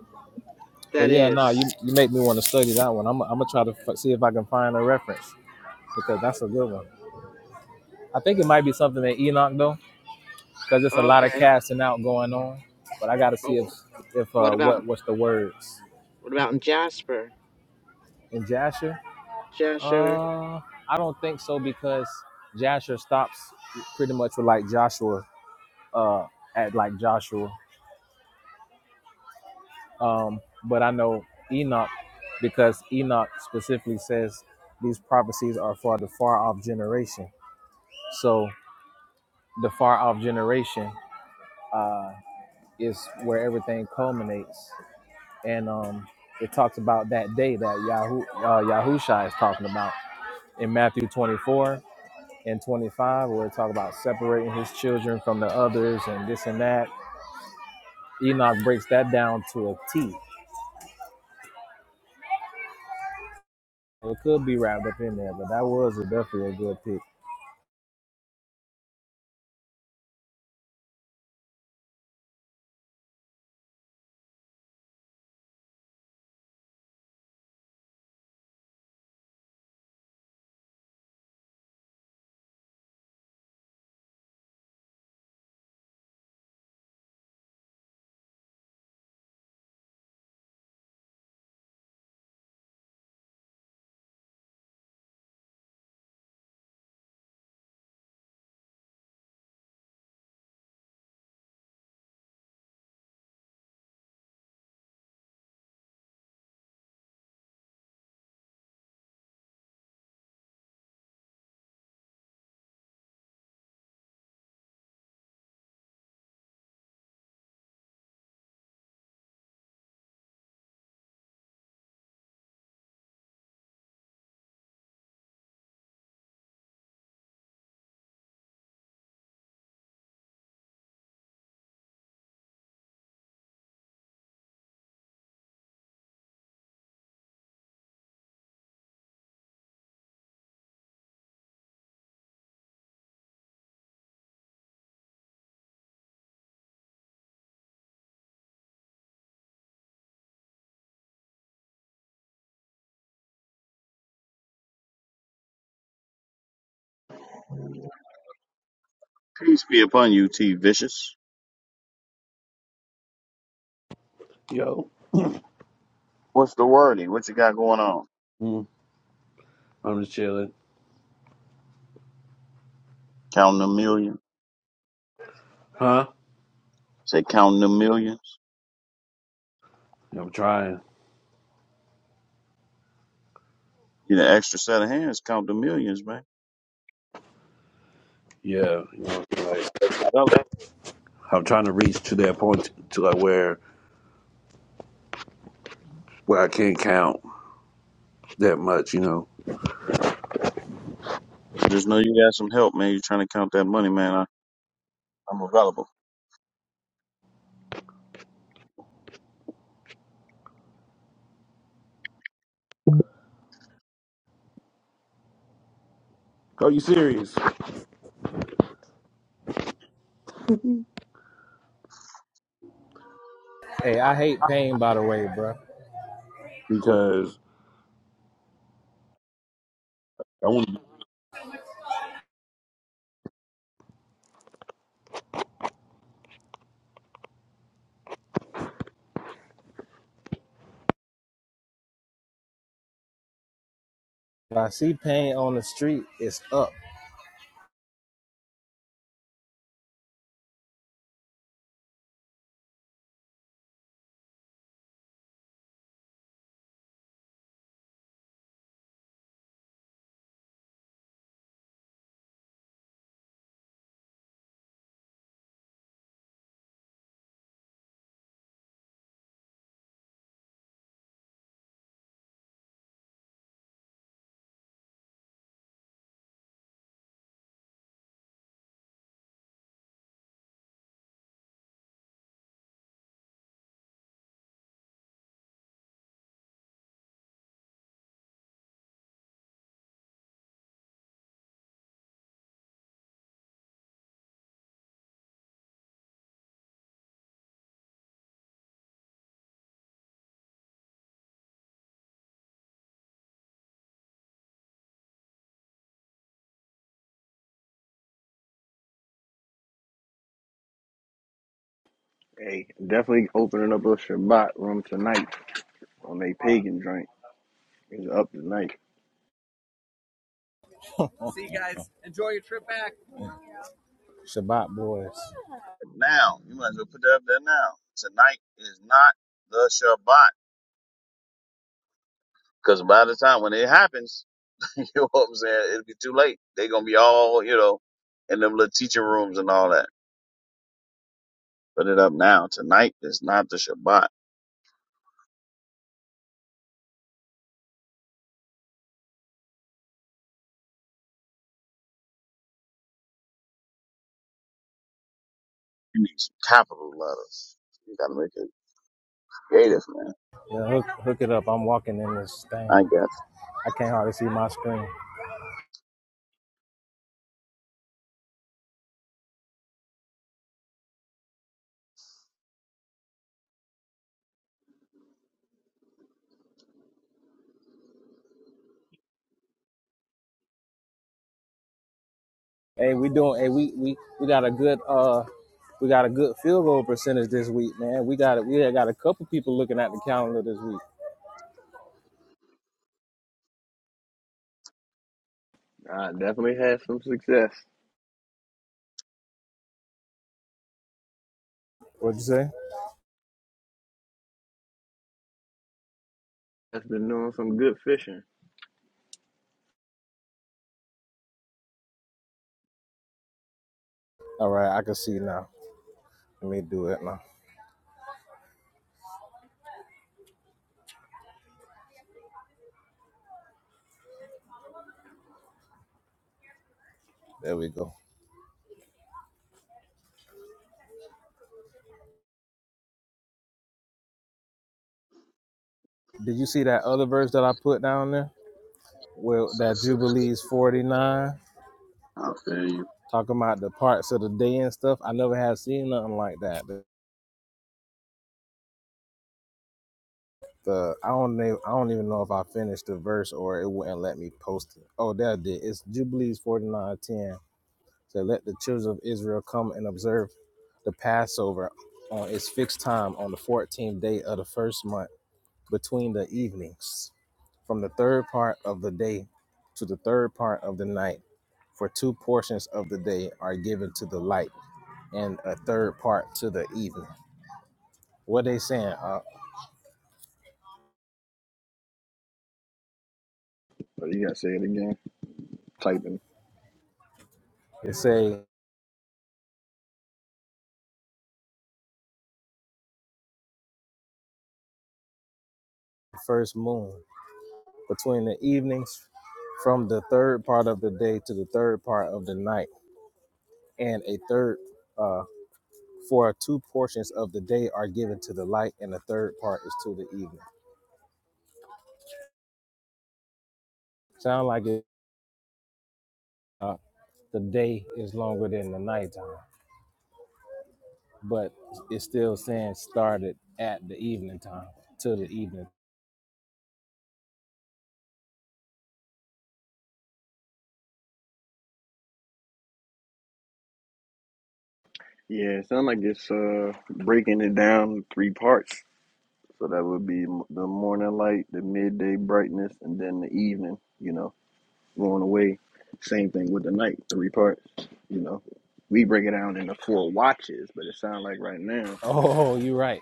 [SPEAKER 2] But
[SPEAKER 6] That
[SPEAKER 2] yeah, no, nah, you
[SPEAKER 6] is
[SPEAKER 2] you make me want to study that one. I'm I'm gonna try to f- see if I can find a reference because that's a good one. I think it might be something in Enoch though because it's a lot of
[SPEAKER 6] okay.
[SPEAKER 2] casting out going on. But I got to
[SPEAKER 6] Oh.
[SPEAKER 2] see if if
[SPEAKER 6] What
[SPEAKER 2] uh,
[SPEAKER 6] about
[SPEAKER 2] what what's the words
[SPEAKER 6] what about in Jasper?
[SPEAKER 2] in Jasher.
[SPEAKER 6] Jasher?
[SPEAKER 2] Uh, I don't think so because Jasher stops pretty much with like Joshua uh, at like Joshua. Um, but I know Enoch because Enoch specifically says these prophecies are for the far off generation. So the far off generation uh, is where everything culminates and um, it talks about that day that Yahoo uh, Yahusha is talking about in Matthew 24 and 25, where it talks about separating his children from the others and this and that. Enoch breaks that down to a T. It could be wrapped up in there, but that was definitely a good pick.
[SPEAKER 4] Peace be upon you, T. Vicious.
[SPEAKER 7] Yo.
[SPEAKER 4] What's the wordy? What you got going on?
[SPEAKER 7] Mm. I'm just chilling.
[SPEAKER 4] Counting a million.
[SPEAKER 7] Huh?
[SPEAKER 4] Say counting the millions.
[SPEAKER 7] I'm trying.
[SPEAKER 4] Get an extra set of hands, count the millions, man.
[SPEAKER 7] Yeah. You know,
[SPEAKER 4] I'm,
[SPEAKER 7] like
[SPEAKER 4] I'm available.
[SPEAKER 7] I'm trying to reach to that point to like where where I can't count that much, you know.
[SPEAKER 4] Just know you got some help, man. You're trying to count that money, man. I, I'm available.
[SPEAKER 7] Are you serious?
[SPEAKER 2] Hey, I hate pain, by the way, bro.
[SPEAKER 7] Because I want to.
[SPEAKER 2] If I see pain on the street, it's up.
[SPEAKER 3] hey, definitely opening up a Shabbat room tonight on a pagan drink. It's up tonight.
[SPEAKER 2] See you guys. Enjoy your trip back. Shabbat boys,
[SPEAKER 4] Now, you might as well put that up there now. Tonight is not the Shabbat. Because by the time when it happens, you know what I'm saying? It'll be too late. They're going to be all, you know, in them little teaching rooms and all that. Put it up now. Tonight is not the Shabbat. You need some capital letters. You got to make it creative, man.
[SPEAKER 2] yeah, hook hook it up. I'm walking in this thing.
[SPEAKER 4] I
[SPEAKER 2] I can't hardly see my screen. Hey, we doing. Hey, we we we got a good uh, we got a good field goal percentage this week, man. We got it. We got a couple people looking at the calendar this week.
[SPEAKER 3] I definitely had some success.
[SPEAKER 2] What'd you say?
[SPEAKER 3] That's been doing some good fishing.
[SPEAKER 2] All right, I can see now. Let me do it now. There we go. Did you see
[SPEAKER 4] guess.
[SPEAKER 2] that other verse that I put down there? Well, that Jubilees forty nine
[SPEAKER 4] I feel you.
[SPEAKER 2] talking about the parts of the day and stuff. I never had seen nothing like that. The, the- I don't know. I don't even know if I finished the verse or it wouldn't let me post it. Oh, that did. It's Jubilees forty nine ten. to let the children of Israel come and observe the Passover on its fixed time on the 14th day of the first month between the evenings, from the third part of the day to the third part of the night. For two portions of the day are given to the light, and a third part to the evening. What they saying? Uh,
[SPEAKER 3] But you gotta say it again. Typing.
[SPEAKER 2] they say first moon between the evenings, from the third part of the day to the third part of the night, and a third. uh, For two portions of the day are given to the light, and the third part is to the evening. Sound like it, uh, the day is longer than the nighttime, but it's still saying started at the evening time to the evening.
[SPEAKER 3] Yeah, it sounds like it's uh breaking it down in three parts. So that would be m- the morning light, the midday brightness, and then the evening. You know, going away. Same thing with the night, three parts. You know, we break it down into four watches, but it sounds like right now,
[SPEAKER 2] Oh, you're right,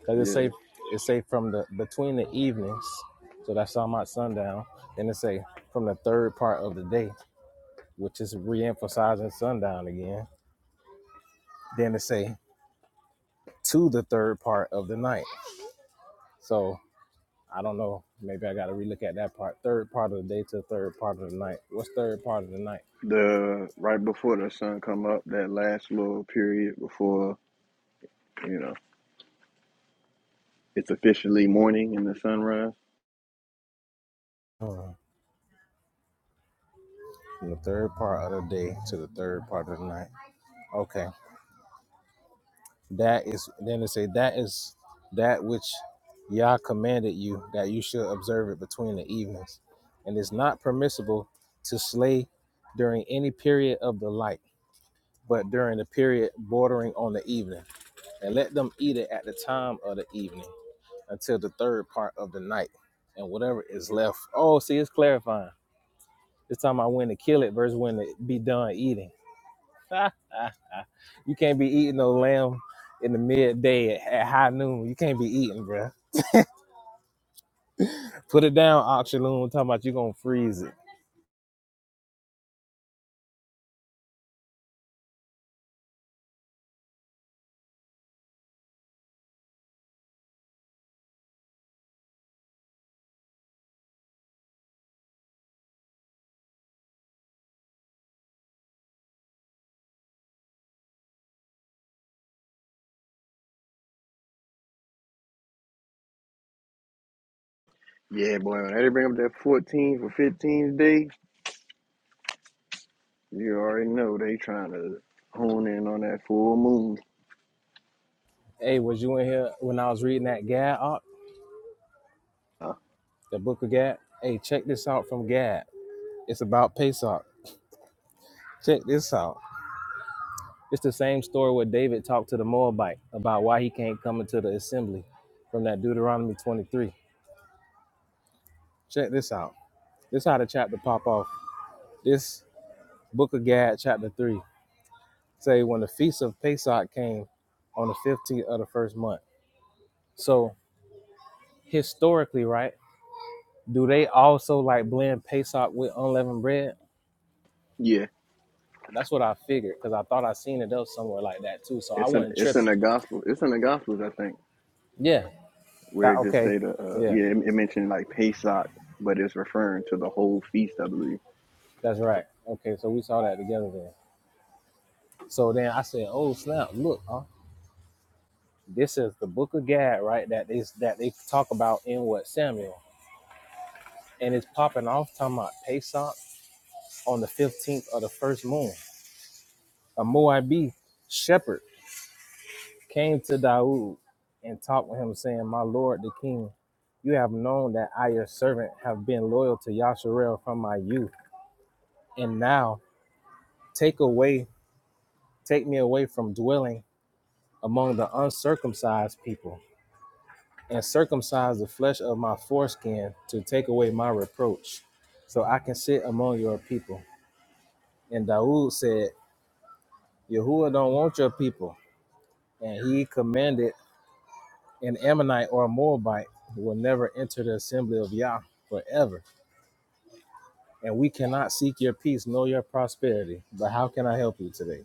[SPEAKER 2] because it
[SPEAKER 3] yeah,
[SPEAKER 2] say it say from the between the evenings, so that's talking about sundown. Then it say from the third part of the day, which is re-emphasizing sundown again. Then it say to the third part of the night. So I don't know. Maybe I got to relook at that part. Third part of the day to the third part of the night. What's third part of the night?
[SPEAKER 3] the right before the sun come up, that last little period before you know it's officially morning and the sunrise.
[SPEAKER 2] Uh, From the third part of the day to the third part of the night. Okay. That is, then it say, that is that which Yah commanded you that you should observe it between the evenings. And it's not permissible to slay during any period of the light, but during the period bordering on the evening. And let them eat it at the time of the evening. until the third part of the night. And whatever is left. Oh, see, it's clarifying. It's talking about when to kill it versus when to be done eating. you can't be eating no lamb in the midday at, at high noon. You can't be eating, bruh. Put it down, Oxaloon. Talking about you gonna freeze it.
[SPEAKER 3] Yeah, boy, when they bring up that 14th or 15th day, You already know they trying to hone in on that full moon.
[SPEAKER 2] Hey, was you in here when I was reading that Gad, Ox?
[SPEAKER 3] Uh,
[SPEAKER 2] the book of Gad? Hey, check this out from Gad. It's about Pesach. Check this out. It's the same story where David talked to the Moabite about why he can't come into the assembly from that Deuteronomy 23. Check this out. This is how the chapter pop off. This book of Gad, chapter 3, say when the feast of Pesach came on the 15th of the first month. So historically, right, do they also like blend Pesach with unleavened bread?
[SPEAKER 3] yeah,
[SPEAKER 2] That's what I figured because I thought I seen it else somewhere like that too. So I
[SPEAKER 3] it's in
[SPEAKER 2] wasn't
[SPEAKER 3] it's in
[SPEAKER 2] tripping.
[SPEAKER 3] the gospel. It's in the gospels, I think,
[SPEAKER 2] Yeah.
[SPEAKER 3] where
[SPEAKER 2] That
[SPEAKER 3] it just
[SPEAKER 2] okay.
[SPEAKER 3] say the uh,
[SPEAKER 2] Yeah,
[SPEAKER 3] yeah it, it mentioned like Pesach, but it's referring to the whole feast, I believe.
[SPEAKER 2] that's right. Okay, so we saw that together then. So then I said, "Oh snap! Look, huh? This is the Book of Gad, right? That is that they talk about in what Samuel, and it's popping off talking about Pesach on the fifteenth of the first moon. A Moabite shepherd came to Daoud and talked with him, saying, "My lord, the king, you have known that I, your servant, have been loyal to Yasharel from my youth, and now take away, take me away from dwelling among the uncircumcised people." and circumcise the flesh of my foreskin to take away my reproach, so I can sit among your people. And Daoud said, Yahuwah don't want your people. And he commanded an Ammonite or a Moabite will never enter the assembly of Yah forever. And we cannot seek your peace nor your prosperity. But how can I help you today?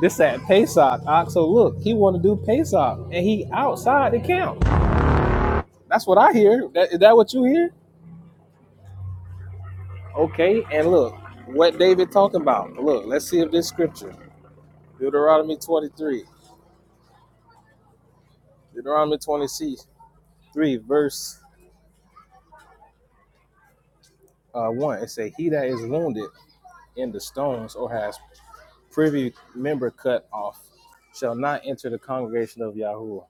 [SPEAKER 2] This at Pesach, Oxo, look, he want to do Pesach, and he outside the camp. That's what I hear. That, is that what you hear? Okay, and look what David talking about. Look, let's see if this scripture, Deuteronomy 23, Deuteronomy 23, verse uh, 1, it say, He that is wounded in the stones or has privy member cut off shall not enter the congregation of Yahuwah.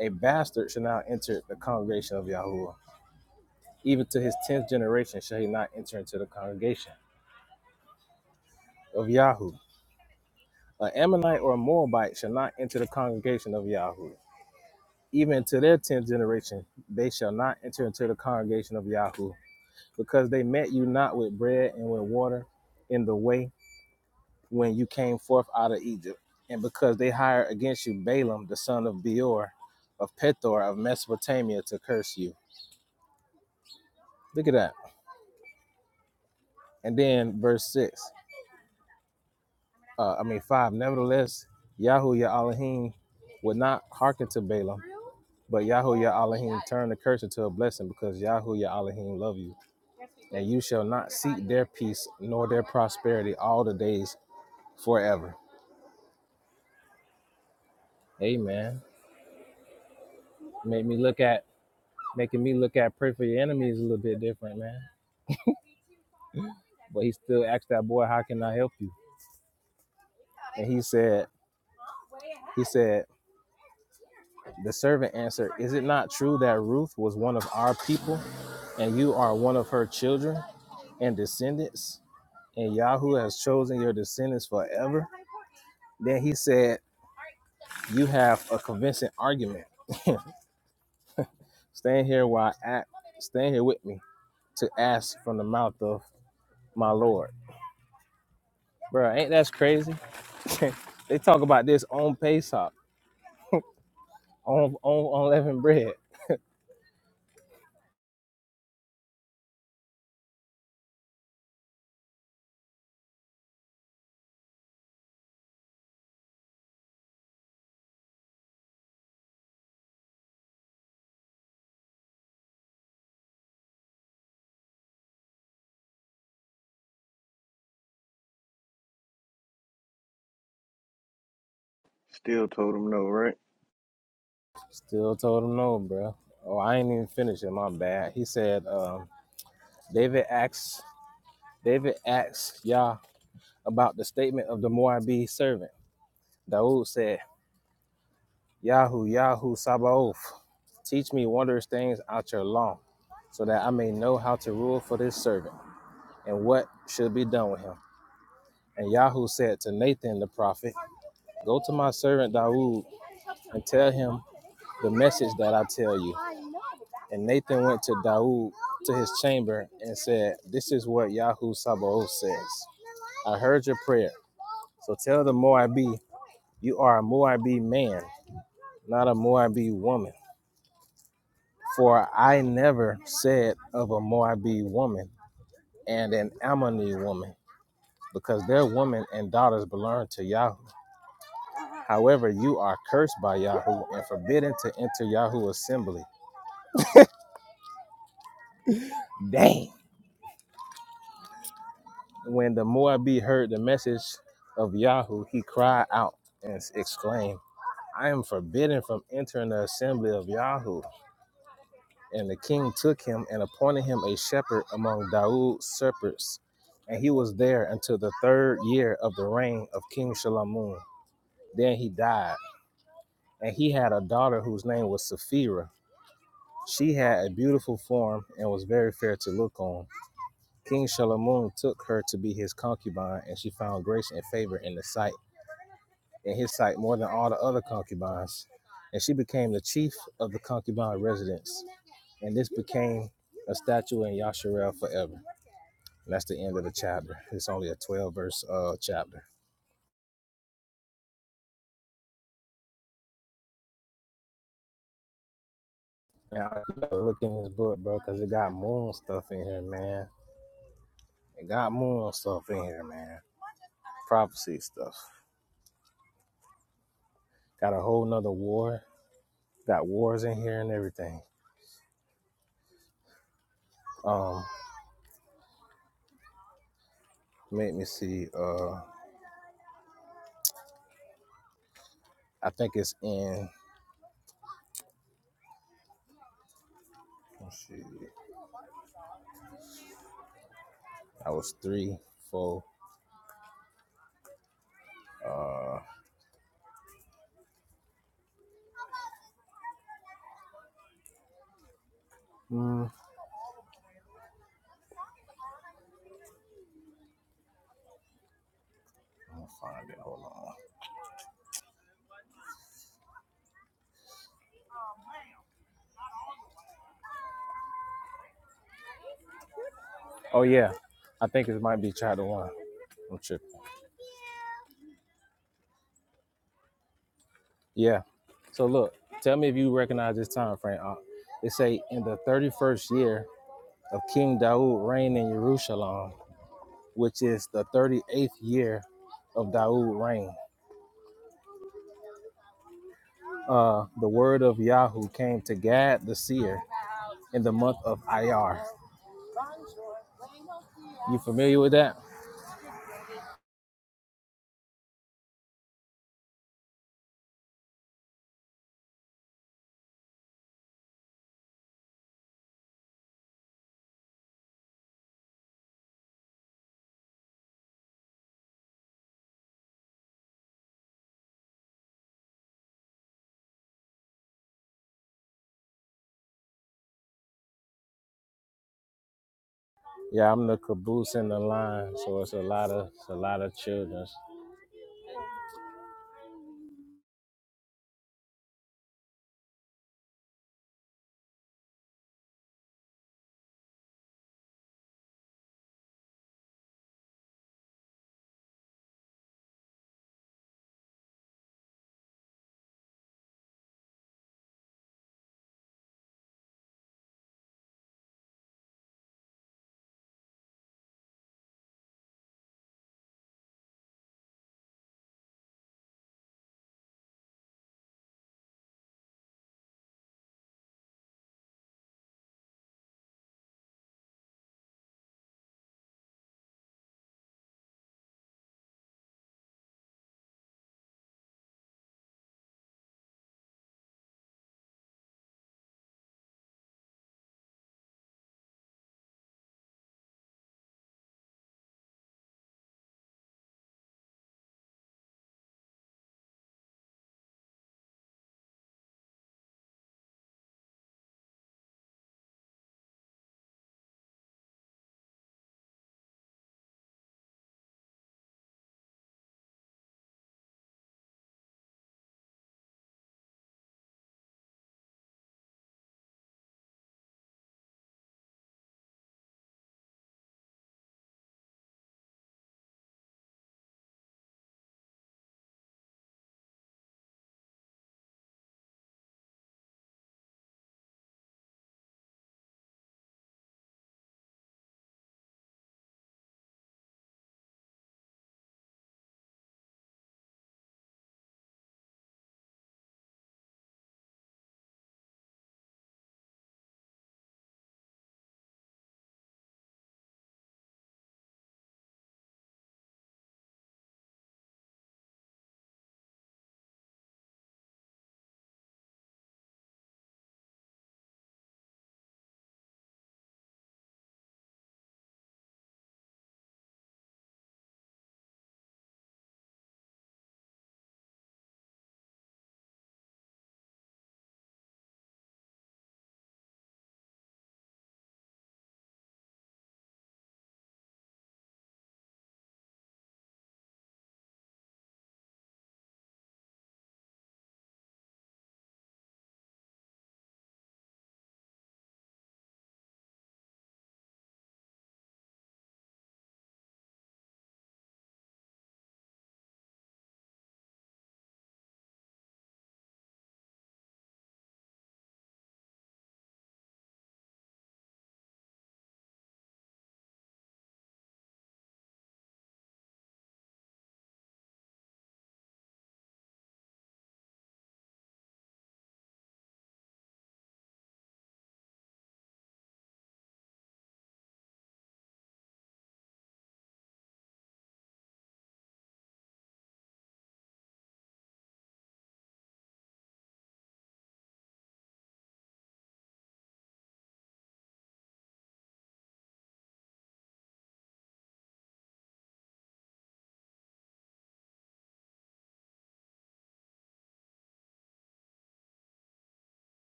[SPEAKER 2] A bastard shall not enter the congregation of Yahuwah. Even to his tenth generation shall he not enter into the congregation of Yahuwah. An Ammonite or a Moabite shall not enter the congregation of Yahweh. even to their tenth generation, they shall not enter into the congregation of Yahweh, because they met you not with bread and with water in the way when you came forth out of Egypt, and because they hired against you Balaam the son of Beor, of Pethor of Mesopotamia to curse you. Look at that. And then verse six, uh, I mean five. Nevertheless, Yahweh your Elohim would not hearken to Balaam, but Yahweh your Elohim turned the curse into a blessing because Yahweh your Elohim loved you. and you shall not seek their peace nor their prosperity all the days forever. Amen. Make me look at making me look at pray for your enemies a little bit different, man. But he still asked that boy, How can I help you? And he said, He said, The servant answered, Is it not true that Ruth was one of our people, and you are one of her children and descendants? And Yahoo has chosen your descendants forever. Then he said, You have a convincing argument. Stand here while I act. Stand here with me to ask from the mouth of my Lord. Bro, ain't that crazy? They talk about this on Pesach, on on unleavened bread.
[SPEAKER 3] Still told them no, right?
[SPEAKER 2] Still told him no, bro. Oh, I ain't even finished it. My bad. He said, um, David asks David asks Yah about the statement of the Moabite servant. Daoud said, Yahoo, Yahoo, Sabaoth, teach me wondrous things out your law, so that I may know how to rule for this servant and what should be done with him. And Yahoo said to Nathan the prophet, Go to my servant Dawood and tell him the message that I tell you. And Nathan went to Dawood to his chamber and said, This is what Yahoo Sabaoth says. I heard your prayer. So tell the Moabi, you are a Moabite man, not a Moabite woman. For I never said of a Moabite woman and an Ammonite woman, because their women and daughters belong to Yahoo. However, you are cursed by Yahoo and forbidden to enter Yahoo assembly. Dang. When the Moabite heard the message of Yahoo, he cried out and exclaimed, I am forbidden from entering the assembly of Yahoo. And the king took him and appointed him a shepherd among Daud's shepherds. And he was there until the third year of the reign of King Shalamun. Then he died. And he had a daughter whose name was Sapphira. She had a beautiful form and was very fair to look on. King Shalamun took her to be his concubine, and she found grace and favor in the sight, in his sight, more than all the other concubines. And she became the chief of the concubine residence. And this became a statue in Yasharel forever. And that's the end of the chapter. It's only a 12 verse uh chapter. Now I gotta look in this book, bro, because it got moon stuff in here, man. It got moon stuff in here, man. Prophecy stuff. Got a whole nother war. Got wars in here and everything. Um. Let me see. Uh, I think it's in. Let's see. I was three, four. Uh, hmm, I'm gonna find it. Hold on. Oh yeah, I think it might be chapter one. I'm tripping. Yeah. So look, tell me if you recognize this time frame. Uh, it say in the thirty-first year of King Daud reign in Jerusalem, which is the thirty-eighth year of Daud reign. Uh, the word of Yahweh came to Gad the seer in the month of Iyar You familiar with that? Yeah, I'm the caboose in the line, so it's a lot of it's a lot of children.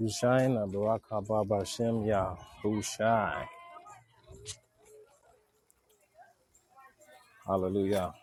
[SPEAKER 2] Hushain, Barak Haba Bashem Yah, Hushai. Hallelujah.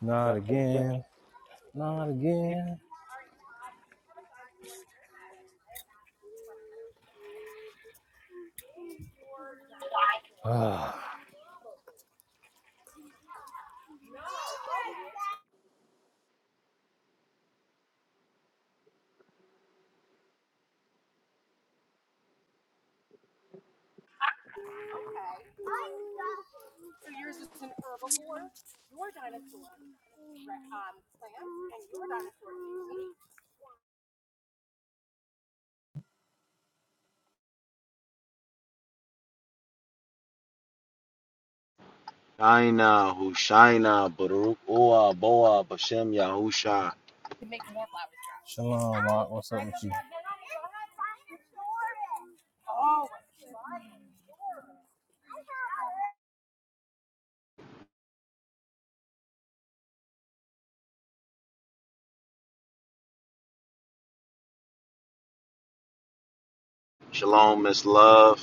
[SPEAKER 2] Not again, not again. Ah,
[SPEAKER 9] Shaina, Hushaina, Baruch, Ua, Boa, Bashem, Yahusha.
[SPEAKER 2] shalom, Mark. What's up with
[SPEAKER 9] Shalom, Miss Love.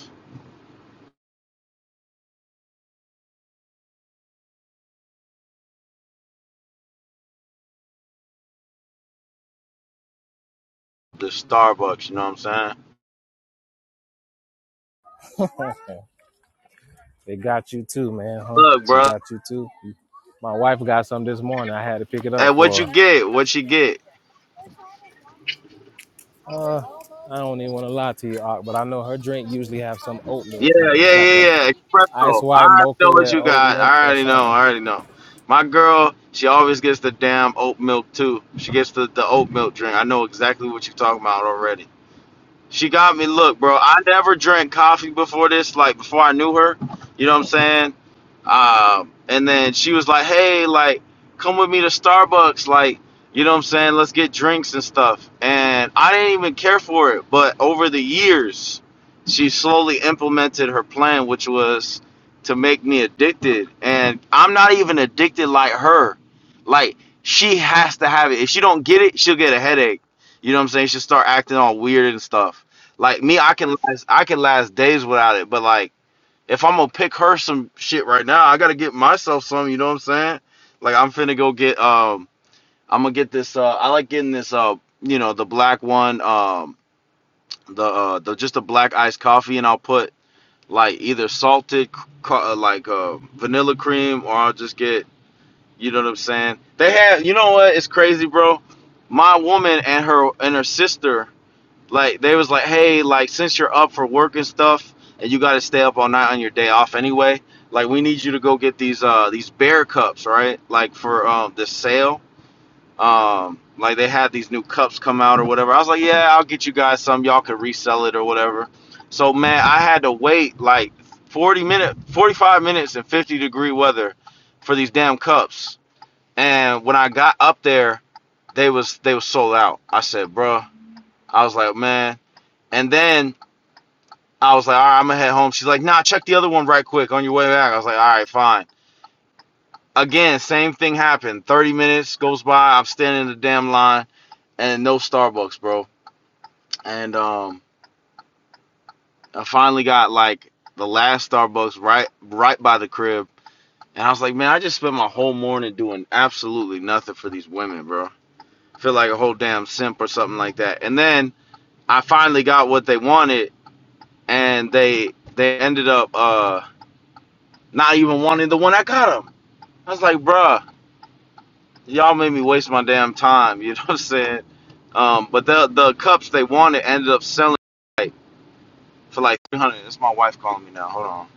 [SPEAKER 9] The Starbucks, you know what I'm saying?
[SPEAKER 2] you? they got you too, man, huh?
[SPEAKER 9] Look,
[SPEAKER 2] They
[SPEAKER 9] bro.
[SPEAKER 2] got you too. My wife got some this morning. I had to pick it up
[SPEAKER 9] Hey, what
[SPEAKER 2] for
[SPEAKER 9] you
[SPEAKER 2] her.
[SPEAKER 9] get? What you get?
[SPEAKER 2] Uh, I don't even want to lie to you, Ark, but I know her drink usually have some oat milk
[SPEAKER 9] Yeah,
[SPEAKER 2] in it. It's
[SPEAKER 9] yeah,
[SPEAKER 2] like a
[SPEAKER 9] yeah, yeah.
[SPEAKER 2] Ice
[SPEAKER 9] Espresso. I
[SPEAKER 2] white
[SPEAKER 9] already know
[SPEAKER 2] mocha
[SPEAKER 9] what
[SPEAKER 2] with
[SPEAKER 9] you
[SPEAKER 2] oat
[SPEAKER 9] got.
[SPEAKER 2] milk
[SPEAKER 9] I
[SPEAKER 2] or
[SPEAKER 9] already know.
[SPEAKER 2] something.
[SPEAKER 9] I already know. My girl, she always gets the damn oat milk too. She gets the, the oat milk drink. I know exactly what you're talking about already. She got me. Look, bro, I never drank coffee before this, like before I knew her. You know what I'm saying? Um, and then she was like, "Hey, like, come with me to Starbucks, like, you know what I'm saying? Let's get drinks and stuff." And I didn't even care for it, but over the years, she slowly implemented her plan, which was to make me addicted. And I'm not even addicted like her. Like, she has to have it. If she don't get it, she'll get a headache you know what I'm saying? She start acting all weird and stuff. Like me, I can last, I can last days without it. But like, if I'm gonna pick her some shit right now, I gotta get myself some. You know what I'm saying? Like I'm finna go get um, I'm gonna get this. Uh, I like getting this. Uh, you know the black one. Um, the uh, the just a black iced coffee, and I'll put like either salted, c- co- uh, like uh, vanilla cream, or I'll just get. You know what I'm saying? They have. You know what? It's crazy, bro. My woman and her and her sister like they was like, hey, like since you're up for work and stuff, and you got to stay up all night on your day off anyway, like we need you to go get these uh these bear cups, right? Like for um the sale, um like they had these new cups come out or whatever. I was like, yeah, I'll get you guys some. Y'all could resell it or whatever. So man, I had to wait like 40 minute, 45 minutes in 50 degree weather for these damn cups. And when I got up there, they was they was sold out. I said, bruh, I was like, man. And then I was like, all right, I'm gonna head home. She's like, nah, check the other one right quick on your way back. I was like, all right, fine. Again, same thing happened. 30 minutes goes by. I'm standing in the damn line and no Starbucks, bro. And um, I finally got like the last Starbucks right, right by the crib. And I was like, man, I just spent my whole morning doing absolutely nothing for these women, bro. I feel like a whole damn simp or something like that. And then I finally got what they wanted, and they they ended up uh not even wanting the one I got them. I was like, bruh, y'all made me waste my damn time. You know what I'm saying? Um, but the the cups they wanted ended up selling like, for like 300. It's my wife calling me now. Hold on.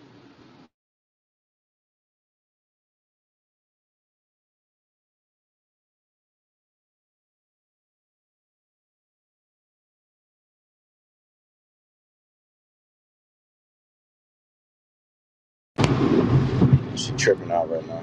[SPEAKER 9] She tripping out right now.